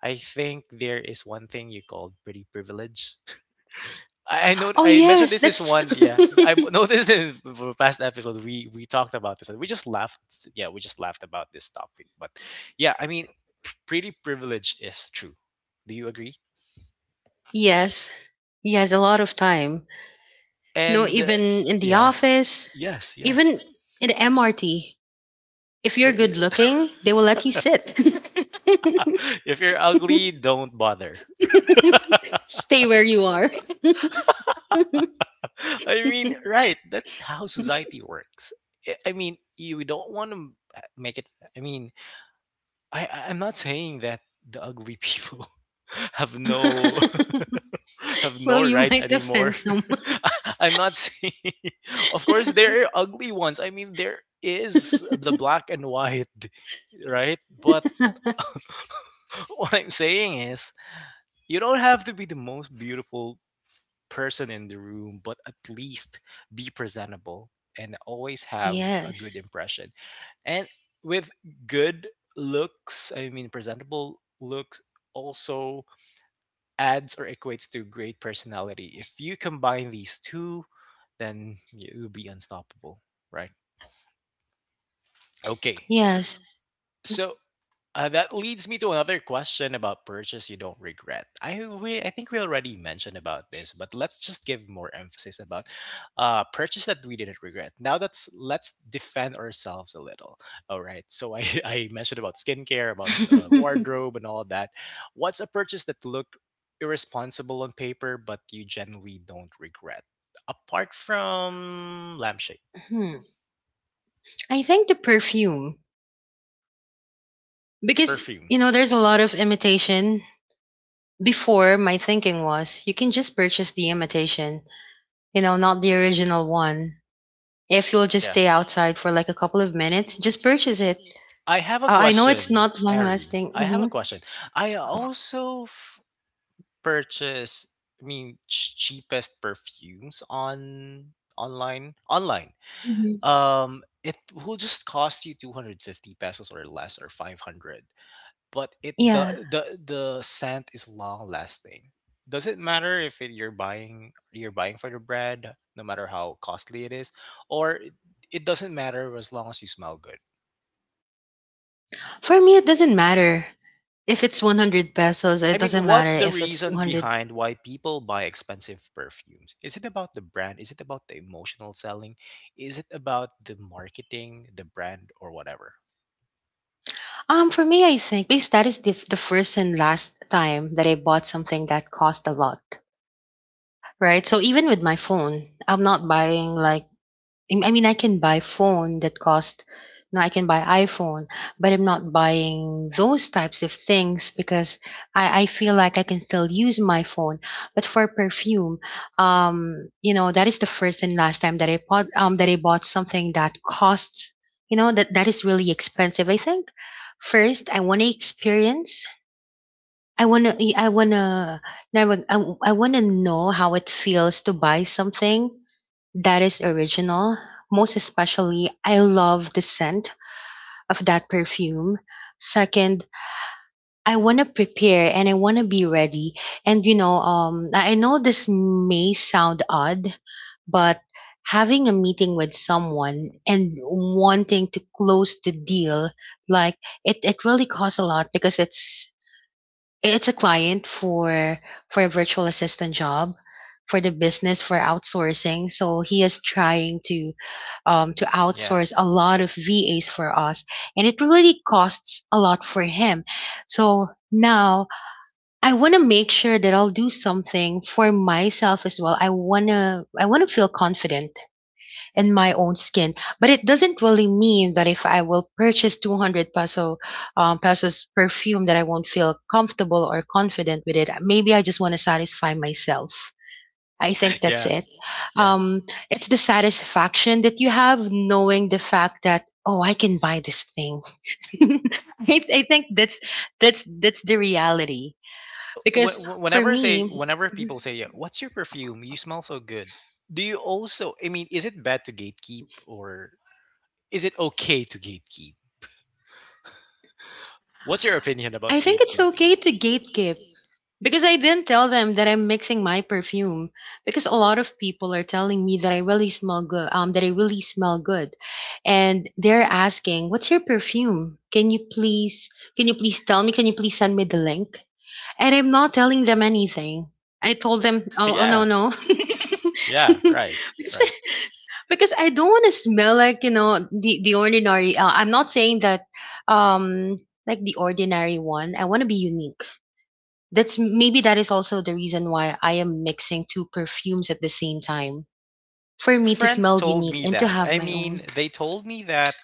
I think there is one thing you called pretty privilege. I know Oh, I mentioned yes, this is that's. one, (laughs) yeah I (laughs) noticed in the past episode we talked about this and we just laughed, yeah we just laughed about this topic, but yeah I mean, pretty privilege is true. Do you agree? (laughs) Yes. Yes, a lot of time. No, And even in the yeah, office, yes, yes. even in the MRT. If There you're good is. looking, they will let you sit. (laughs) (laughs) (laughs) If you're ugly, don't bother. Stay where you are. (laughs) (laughs) I mean, right? That's how society works. I mean, you we don't want to make it. I mean, I- I'm not saying that the ugly people (laughs) have no (laughs) have Well, no you rights might anymore. offend someone. (laughs) I'm not saying. (laughs) Of course, there are ugly ones. I mean, there is the black and white, right? But (laughs) (laughs) what I'm saying is, you don't have to be the most beautiful person in the room, but at least be presentable and always have a good Yes. impression. And with good looks, I mean, presentable looks also adds or equates to great personality. If you combine these two, then you'll be unstoppable, right? Okay. Yes. So that leads me to another question about purchase you don't regret. I think we already mentioned about this, but let's just give more emphasis about purchase that we didn't regret. Now that's let's defend ourselves a little. All right. So I, (laughs) I mentioned about skincare, about (laughs) wardrobe, and all of that. What's a purchase that look irresponsible on paper, but you generally don't regret? Apart from lampshade, Hmm. I think the perfume. yeah, Because, perfume, you know, there's a lot of imitation. Before, my thinking was you can just purchase the imitation, you know, not the original one. If you'll just yeah. stay outside for like a couple of minutes, just purchase it. I have a I Oh, know I know question, it's it's not not long Ari. lasting. I have a Mhm. Yeah. question. I also purchase, I mean, cheapest perfumes on online. Online. Mhm. It will just cost you 250 pesos or less or 500. But it Yeah. the Wow. The scent is long lasting. Does it matter if it, you're buying for the brand, no matter how costly it is, or it doesn't matter as long as you smell good? For me, it doesn't matter. If it's 100 pesos, I it mean, doesn't what's matter the if it's reason 200. behind why people buy expensive perfumes? Is it about the brand? Is it about the emotional selling? Is it about the marketing, the brand, or whatever? For me, I think because that is the first and last time that I bought something that cost a lot, right? So even with my phone, I'm not buying like. I mean, I can buy phone that cost, you know, I can buy iPhone, but I'm not buying those types of things because I feel like I can still use my phone. But for perfume, you know, that is the first and last time that I bought something that costs, you know, that is really expensive. I think first I want to experience. I wanna, I wanna, I, I wanna know how it feels to buy something that is original. Most especially, I love the scent of that perfume. Second, I want to prepare and I want to be ready. And you know, I know this may sound odd, but having a meeting with someone and wanting to close the deal, like it really costs a lot because it's a client for a virtual assistant job for the business for outsourcing. So he is trying to Yeah, outsource (laughs) a lot of VAs for us, and it really costs a lot for him. So now I want to make sure that I'll do something for myself as well. I wanna feel confident in my own skin. But it doesn't really mean that if I will purchase 200 pesos perfume that I won't feel comfortable or confident with it. Maybe I just want to satisfy myself. I think that's yeah, it. yeah. Um, it's the satisfaction that you have knowing the fact that, oh, I can buy this thing. (laughs) I think that's the reality So because for whenever I say, me, whenever people say, "Yeah, what's your perfume? You smell so good." Do you also? I mean, is it bad to gatekeep, or is it okay to gatekeep? What's your opinion about I think it's gatekeeping? okay to gatekeep. Because I didn't tell them that I'm mixing my perfume. Because a lot of people are telling me that I really smell good. That I really smell good, and they're asking, "What's your perfume? Can you please tell me? "Can you please send me the link?" And I'm not telling them anything. I told them, (laughs) "Oh, oh no, Yeah, no," yeah, (laughs) right, because right. because I don't want to smell like, you know, the ordinary. I'm not saying that, like the ordinary one. I want to be unique. That's maybe that is also the reason why I am mixing two perfumes at the same time for My me to friends smell told unique me and to that. have I my mean, own. they told me that,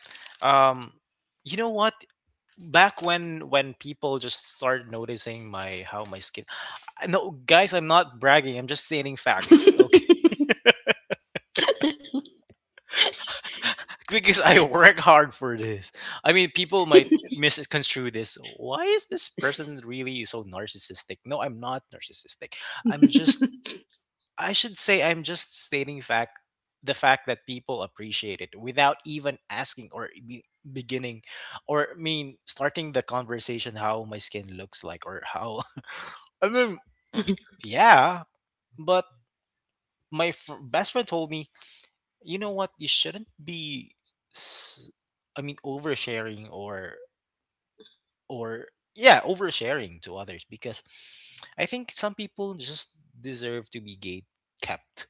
um you know what, back when people just started noticing my how my skin, I- no guys, I'm not bragging, I'm just stating facts, okay. (laughs) (laughs) Because I work hard for this. I mean, people might misconstrue this, why is this person really so narcissistic? No, I'm not narcissistic. I'm just, I should say I'm just stating fact, the fact that people appreciate it without even asking, or beginning, or I mean starting the conversation how my skin looks like, or how (laughs) I mean, yeah, but best friend told me, you know what, you shouldn't be s- I mean oversharing, or, yeah, oversharing to others because I think some people just deserve to be gate kept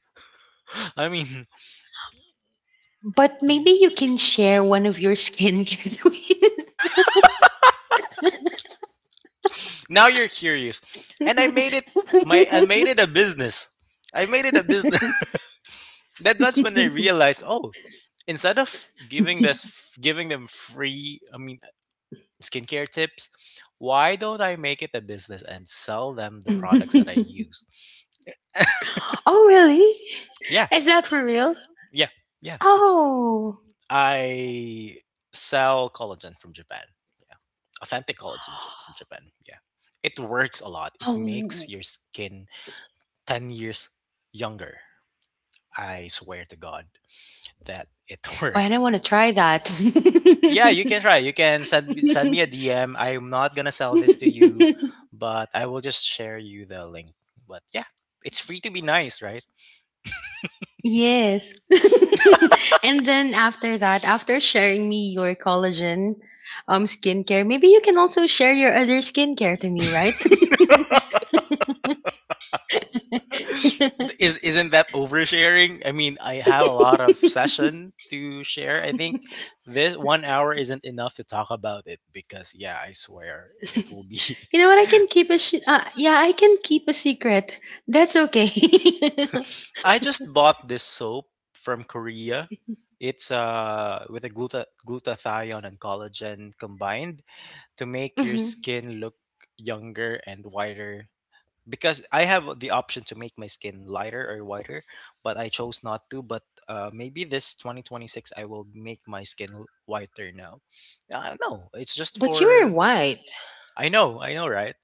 (laughs) I mean, But yeah. maybe you can share one of your skincare. Now you're curious, and I made it a (laughs) business. I made it a business. (laughs) That's when I realized, oh, instead of giving them free, I mean, skincare tips, why don't I make it a business and sell them the products that I use? Oh, really? Yeah, Is that for real? yeah, yeah. It's Oh, I sell collagen from Japan. Yeah, authentic collagen from Japan. Yeah, it works a lot. It makes oh, your skin 10 years younger. I swear to God that it (laughs) Oh, and worked. I want to try that. Yeah, you can (laughs) try. You can send me a (laughs) DM. I'm not gonna sell this to you, Yes. but I will just share you the link. But yeah, it's free to be nice, right? (laughs) And then after that, after sharing me your collagen skincare, maybe you can also share your other skincare to me, right? (laughs) You (laughs) Is isn't that oversharing? I mean, I have a lot of session to share. I think this 1 hour isn't enough to talk about it because yeah, I swear it will be know what? I can keep a yeah, I can keep a secret. That's okay. (laughs) I just bought this soap from Korea. It's with a glutathione and collagen combined to make your Hmm. skin look younger and whiter. Because I have the option to make my skin lighter or whiter, but I chose not to. But maybe this 2026 I will make my skin whiter now. No, it's just But you were for white. I know, right?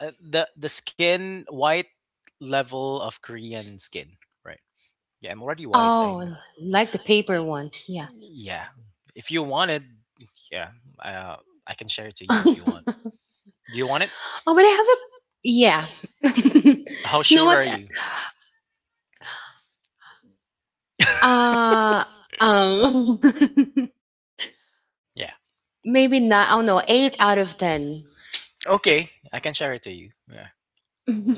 The skin white level of Korean skin, right? Yeah, I'm already white. I know. Oh, Yeah. like the paper one. Yeah. Mm. Yeah. If you want it, yeah, uh, I can share it to (laughs) you if you want. Oh, Do you want it? but I have a... yeah. (laughs) You (laughs) How know sure what? are you? Uh, um, (laughs) Yeah. maybe not. I don't know. Eight out of ten. Okay, I can share it to you. Yeah.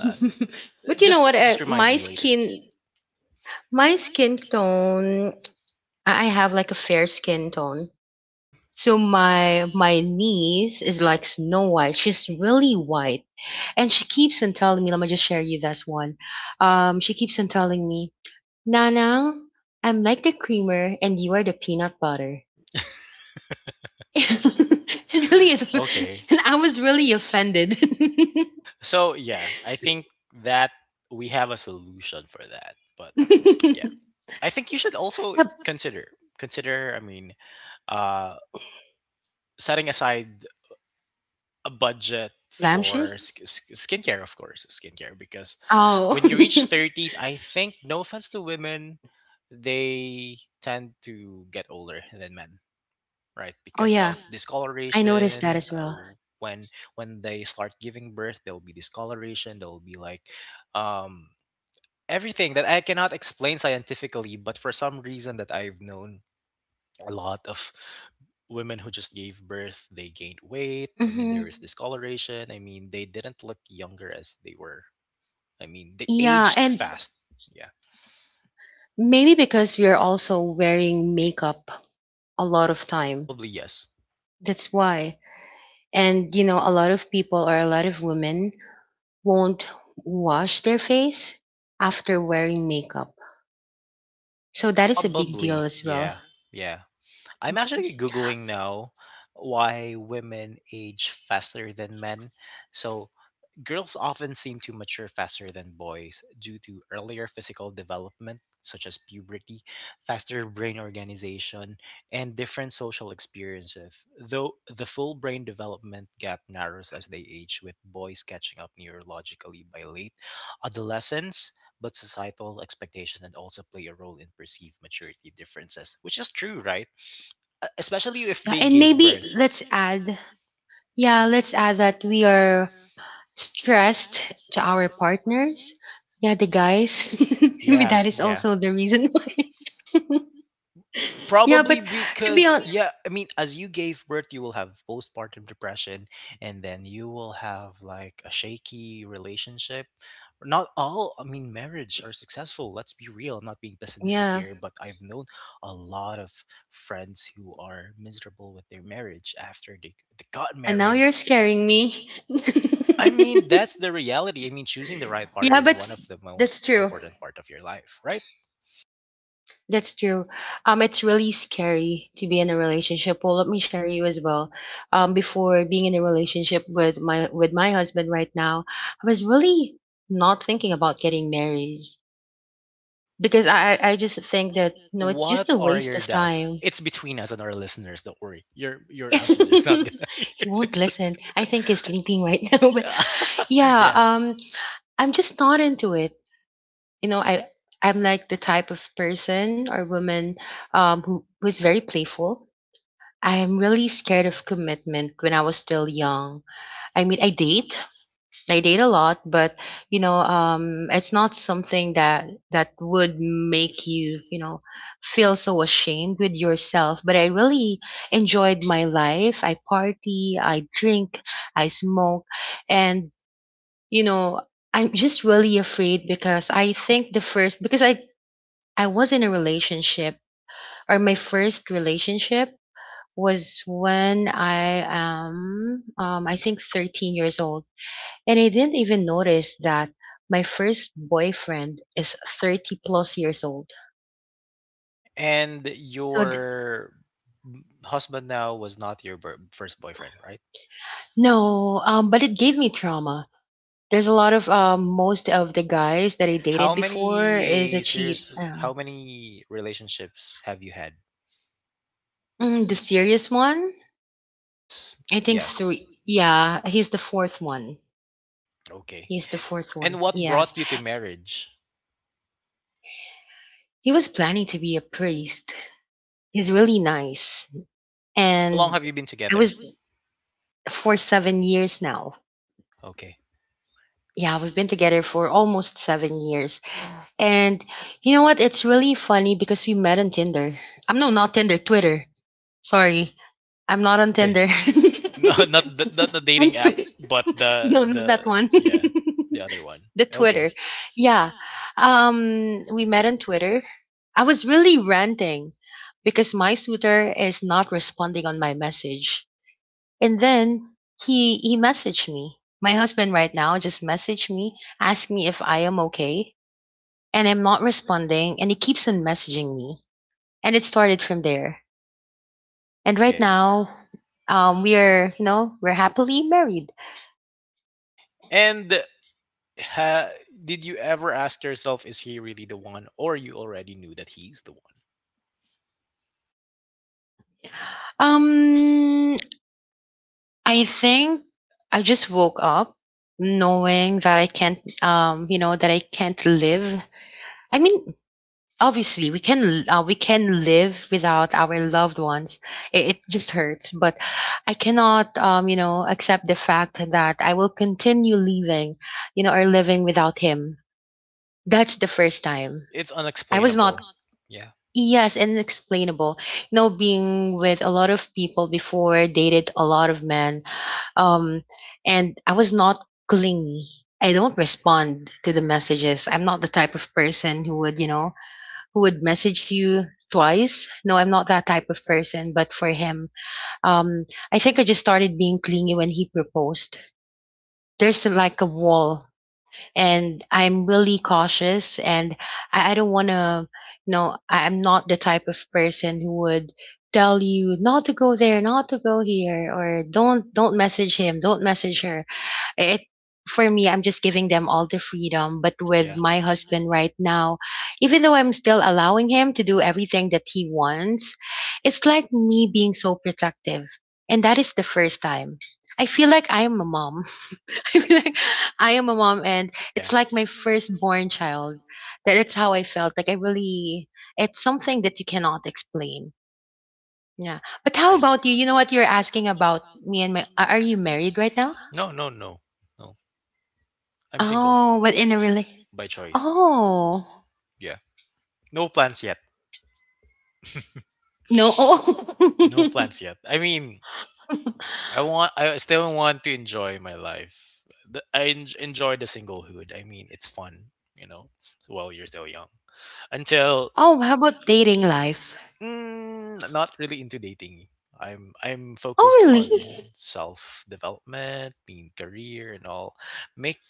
Uh, But you know just what? Just I remind me later. My skin tone. I have like a fair skin tone. Mhm. So my niece is like Snow White. She's really white, and she keeps on telling me. Let me just share you this one. She keeps on telling me, Nana, I'm like the creamer, and you are the peanut butter. (laughs) It really... is okay. itchy. And I was really offended. So yeah, I think that we have a solution for that. But (laughs) yeah, The (laughs) I think you should also consider. I mean, uh, setting aside a budget for lampshades? Skincare, of course, skincare. Because Oh. when you reach Oh, thirties, I think no offense to women, they tend to get older than men, right? (laughs) Oh, Because yeah. of I noticed that discoloration. as uh, well. when they start giving birth, there'll be discoloration. There'll be like um, everything that I cannot explain scientifically, but for some reason that I've known a lot of women who just gave birth, they gained weight. I mean, Hmm. there is discoloration. I mean, they didn't look younger as they were. I mean, they Yeah. aged, yeah, and And fast. Yeah, yeah, maybe because we're also wearing makeup a lot of time. probably yes, the That's why. And, you know, a lot of people or a lot of women won't wash their face after wearing makeup. So that is a big probably deal as feels well. yeah off. Yeah. I'm actually googling now why women age faster than men. So girls often seem to mature faster than boys due to earlier physical development such as puberty, faster brain organization, and different social experiences. Though the full brain development gap narrows as they age, with boys catching up neurologically by late adolescence, but societal expectations and also play a role in perceived maturity differences, which is true, right? Especially if Yeah, they and gave And maybe birth. let's add... yeah, let's add that we are stressed to our partners. Yeah, the guys. (laughs) Maybe Yeah, that is also the reason why. (laughs) Yeah, but probably to be because, honest, yeah, I mean, as you gave birth, you will have postpartum depression, and then you will have like a shaky relationship. Not all, I mean, marriage are successful. Let's be real. I'm not being pessimistic yeah. here, but I've known a lot of friends who are miserable with their marriage after they got And now married. you're scaring me. (laughs) I mean, that's the (laughs) reality. I mean, choosing the right partner Yeah, is but one of the most that's true. important part of your life, right? That's true. It's really scary to be in a relationship. Well, let me share you as well. Before being in a relationship with my husband right now, I was really not thinking about getting married. Because I just think that, no, it's What just a are waste your of doubts? time. It's between us and our listeners. Don't worry. Your (laughs) your (laughs) husband is not gonna (laughs) He hear won't listen. I think he's this. sleeping right (laughs) now, but Yeah. (laughs) yeah, yeah. I'm just not into it. You know, I'm like the type of person or woman who was very playful. I'm really scared of commitment when I was still young. I mean, I date a lot, but, you know, it's not something that would make you, you know, feel so ashamed with yourself. But I really enjoyed my life. I party, I drink, I smoke, and, you know, I'm just really afraid because I think the first because I was in a relationship or my first relationship was when I am I think 13 years old, and I didn't even notice that my first boyfriend is 30 plus years old. And So th- your husband now was not your first boyfriend, right? no, but it gave me trauma. There's a lot of most of the guys that I dated How before is a many cheat. serious? How many relationships have you had? Mm, the serious one, Yes. I think Yes. three. Yeah, he's the fourth one. Okay. He's the fourth And one. what Yes, brought you to marriage? he was planning to be a priest. He's really nice, And how long and have you been I together? was for 7 years now. Okay. Yeah, we've been together for almost 7 years. And you know what? It's really funny because we met on Tinder. I'm No, not Tinder, Twitter. Sorry, I'm not on Okay. Tinder. (laughs) No, not the (laughs) On dating app, Twitter. (laughs) but No, the not that the one. (laughs) yeah, (laughs) the other one. (laughs) The It's okay. Twitter. Yeah. We met on Twitter. I was really ranting because my suitor is not responding on my message. And then he messaged me. My husband right now just messaged me, asked me if I am okay and I'm not responding and he keeps on messaging me. And it started from there. And And right okay. now, we are, you know, we're happily married. And ha, did you ever ask yourself, is he really the one, or you already knew that he's the one? Um, I think I just woke up knowing that I can't, you know, that I can't live. I mean, obviously we can live without our loved ones. It just hurts, but I cannot, you know, accept the fact that I will continue living, you know, or living without him. That's the first time. It's I was I was not... unexplainable. Yeah. yes, inexplainable. You know, being with a lot of people before, dated a lot of men, um, and I was not clingy. I don't respond to the messages. I'm not the type of person who would, you know, who would message you twice. No, I'm not that type of person. But for him, um, I think I just started being clingy when he proposed. There's like a wall and I'm really cautious and I don't want to, you know, I'm not the type of person who would tell you not to go there, not to go here, or don't message him, don't message her. It, for me, I'm just giving them all the freedom. But with Yeah. my husband right now, even though I'm still allowing him to do everything that he wants, it's like me being so protective. And that is the first time. I feel like I am a mom. (laughs) I feel like I am a mom and Yeah. it's like my firstborn child. That's how I felt. Like I really... it's something that you cannot explain. Yeah. But how Right. about you? You know what, you're asking about me, and my are you married right now? No, no, no. No. I'm single Oh, but in a really... by choice. Oh. Yeah. No plans yet. No. No Oh. plans yet. I mean, (laughs) I want. I still want to enjoy my life. Enjoy the singlehood. I mean, it's fun, you know. While you're still young, until Oh, how about dating life? mm, not really into dating. I'm focused Oh, on really? self development, mean career and all. Make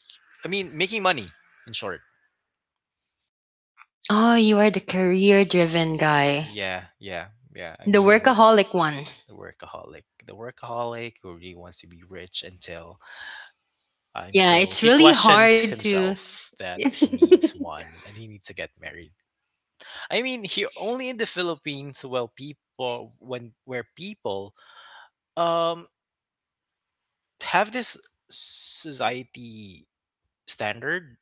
I mean making money. In short, Oh, you are the career driven guy. yeah, yeah, yeah. I The The mean workaholic one. The workaholic who really wants to be rich Yeah, until it's he really hard questions to... himself that (laughs) he needs one and he needs to get married. I mean, here only in the Philippines, well, people when where people um have this society standard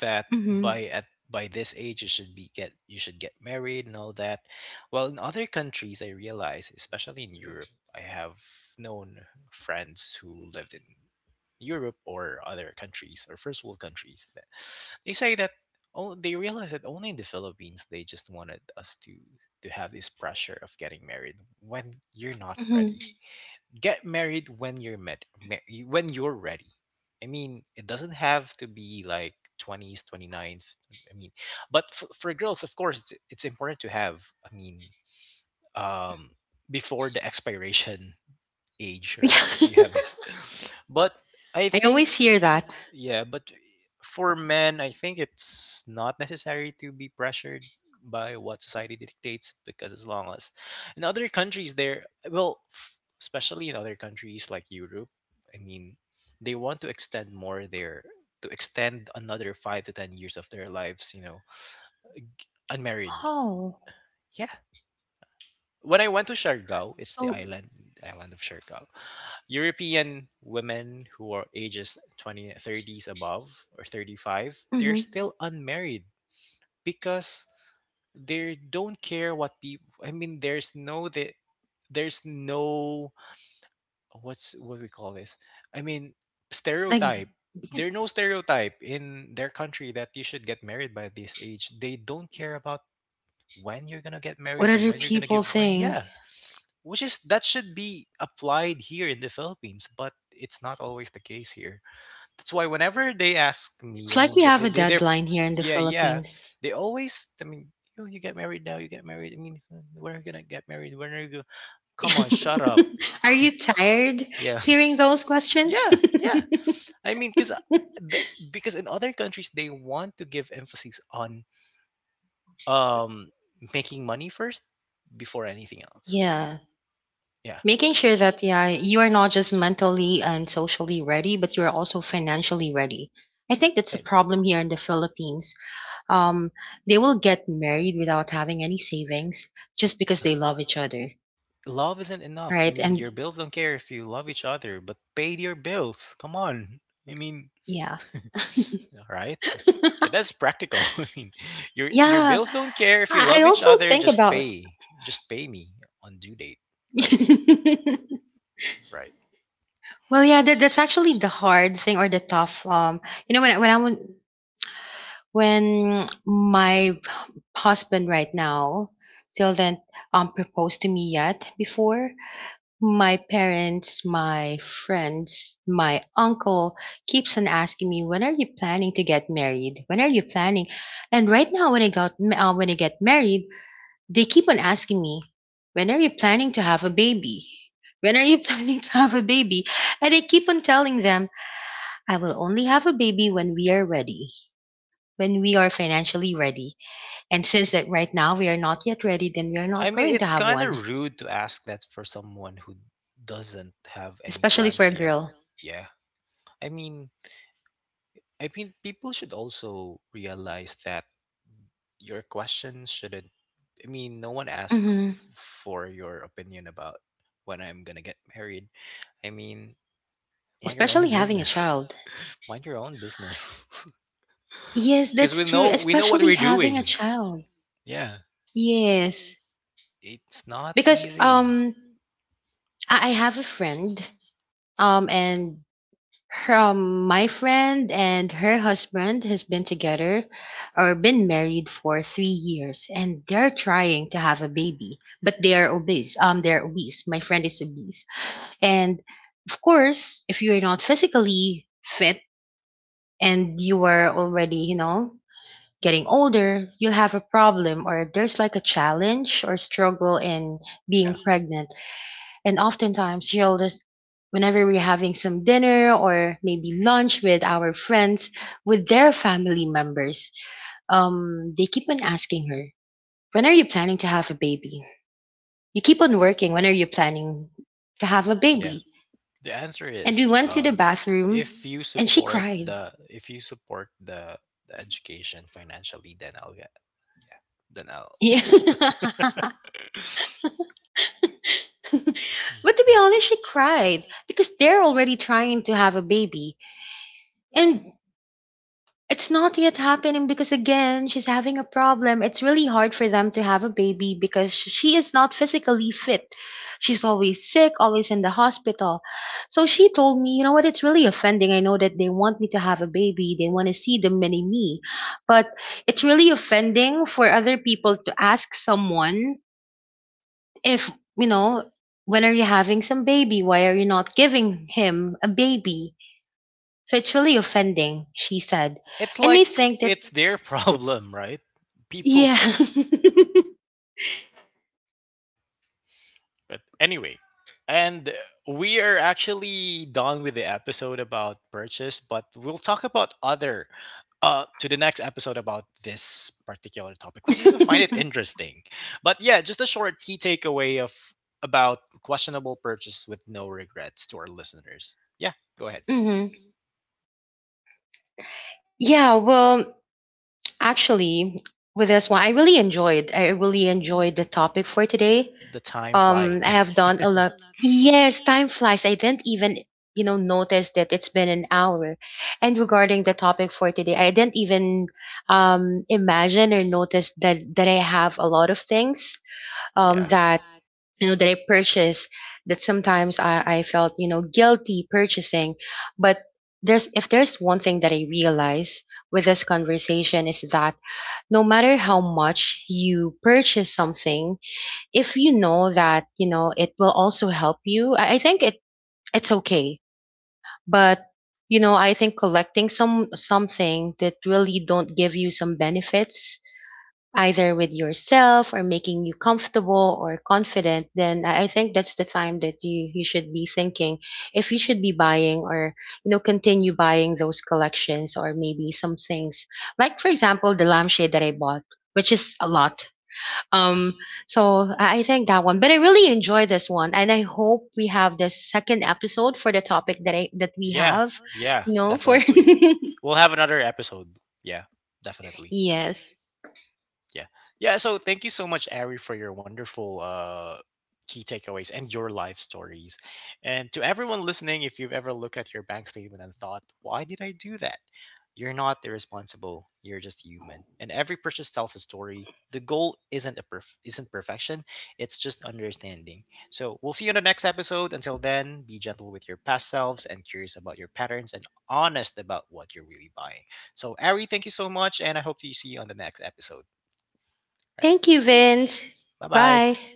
that Mhm. By this age you should get married and all that. Well, in other countries, I realize, especially in Europe, I have known friends who lived in Europe or other countries or first world countries, that they say that, oh, they realize that only in the Philippines they just wanted us to have this pressure of getting married when you're not Mhm. ready. Get married when when you're ready. I mean, it doesn't have to be like 20s 29, I mean, but for girls, of course, it's important to have, I mean, um, before the expiration age, right? Because you have (laughs) this. (laughs) But I I think, always hear that. yeah, but for men, I think it's not necessary to be pressured by what society dictates, because as long as in other countries, there, well, especially in other countries like Europe, I mean, they want to extend more their, to extend another five to 10 years of their lives, you know, unmarried. Oh, Yeah, when I went to Siargao, it's the so, island of Siargao. European women who are ages 20, thirties above or 35, they're mhm, still unmarried because they don't care what people, I mean, there's no what's what we call this? I mean, like stereotype. There are no stereotype in their country that you should get married by this age. They don't care about when you're gonna get what married or other when you're gonna people give birth. think. Yeah, which is that should be applied here in the Philippines, but it's not always the case here. That's why whenever they ask It's me, I like mean, we have a they're deadline here in the yeah, yeah, Philippines. they always, I mean, you get married now, you get married, I mean, (laughs) when are you gonna get married, when are you gonna come on, shut up. (laughs) Are you tired (laughs) yeah. hearing those questions? Yeah, yeah. (laughs) I mean, (laughs) because in other countries they want to give emphasis on um making money first before anything else. Yeah. Yeah, Making sure that, yeah, you are not just mentally and socially ready, but you are also financially ready. I think that's a right. problem here in the Philippines. Um, they will get married without having any savings just because Yeah, they love each other, love isn't enough. I right? mean, And your bills don't care if you love each other, but pay your bills. Come on. I mean, yeah. (laughs) right? Yeah, that's (laughs) practical. (laughs) I mean, your Yeah. bills don't care if you I love each also other. think Just about... pay. Just pay me on due date. Right? (laughs) Right. Well, yeah, that, that's actually the hard thing or the tough you know, when my husband right now still didn't propose to me yet, before my parents, my friends, my uncle keeps on asking me, when are you planning to get married? When are you planning? And right now when I got when I get married, they keep on asking me, when are you planning to have a baby? When are you (laughs) planning to have a baby? And I keep on telling them, I will only have a baby when we are ready, when we are financially ready. And since that right now we are not yet ready, then we are I not mean, going to it's have kind one, of rude to ask that for someone who doesn't have any especially for plans a yet. girl. Yeah. I mean, I mean, people should also realize that your question shouldn't, I mean, no one asked Hmm. Mm. for your opinion about when I'm gonna get married. I mean, mind your own Especially having a business. child. (laughs) Mind your own business. (laughs) Yes, Because that's we true. know, we know what Especially we're having a doing. child. Yeah, Yes, it's not because easy. I have a friend, and my friend and her husband has been together or been married for 3 years, and they're trying to have a baby, but they are obese. They're obese. My friend is obese, and of course, if you're not physically fit and you are already, you know, getting older, you'll have a problem or there's like a challenge or struggle in Yeah, being pregnant, and oftentimes she always, whenever we're having some dinner or maybe lunch with our friends, with their family members, they keep on asking her, when are you planning to have a baby? You keep on working. When are you planning to have a yeah, baby? the answer And we is went to the bathroom if you and she support cried. the, if you support the education financially, then I'll get, yeah, then I'll Yeah. (laughs) But (laughs) to right? be honest, she cried because they're already trying to have a baby. And it's not yet happening because again, she's having a problem. It's really hard for them to have a baby because she is not physically fit. She's always sick, always in the hospital. So she told me, you know what, it's really offending. I know that they want me to have a baby. They want to see the mini me. But it's really offending for other people to ask someone if, you know, when are you having some baby? Why are you not giving him a baby? So it's really offending, she said. It's And I like think that... it's their (laughs) problem, right? People. Yeah. (laughs) Yeah. But anyway, and we are actually done with the episode about purchase, but we'll talk about other to the next episode about this particular topic, which is I find it (laughs) interesting. But yeah, just a short key takeaway of about questionable purchase with no regrets to our listeners. Yeah, go ahead. Hmm. Yeah, well, actually, with this one, I really enjoyed. I really enjoyed the topic for today. The time flies. I have done a lot. (laughs) Yes, time flies. I didn't even, you know, notice that it's been an hour. And regarding the topic for today, I didn't even imagine or notice that I have a lot of things yeah. that, you know, that I purchase, that sometimes I felt, you know, guilty purchasing, but there's, if there's one thing that I realize with this conversation, is that no matter how much you purchase something, if you know that, you know, it will also help you, I think it, it's okay, but, you know, I think collecting some something that really don't give you some benefits either with yourself or making you comfortable or confident, then I think that's the time that you should be thinking if you should be buying or, you know, continue buying those collections or maybe some things like, for example, the lampshade that I bought, which is a lot. Yeah. Um, so I think that one, but I really enjoy this one, and I hope we have this second episode for the topic that I that we Yeah, have, yeah, you know, for... definitely. We'll have another episode. Yeah, (laughs) definitely. yes. Yeah. Yeah. So thank you so much, Ari, for your wonderful key takeaways and your life stories. And to everyone listening, if you've ever looked at your bank statement and thought, why did I do that? You're not irresponsible. You're just human. And every purchase tells a story. The goal isn't perfection. It's just understanding. So we'll see you in the next episode. Until then, be gentle with your past selves and curious about your patterns and honest about what you're really buying. So Ari, thank you so much, and I hope to see you on the next episode. Right. Thank you, Vince. Bye Bye. bye.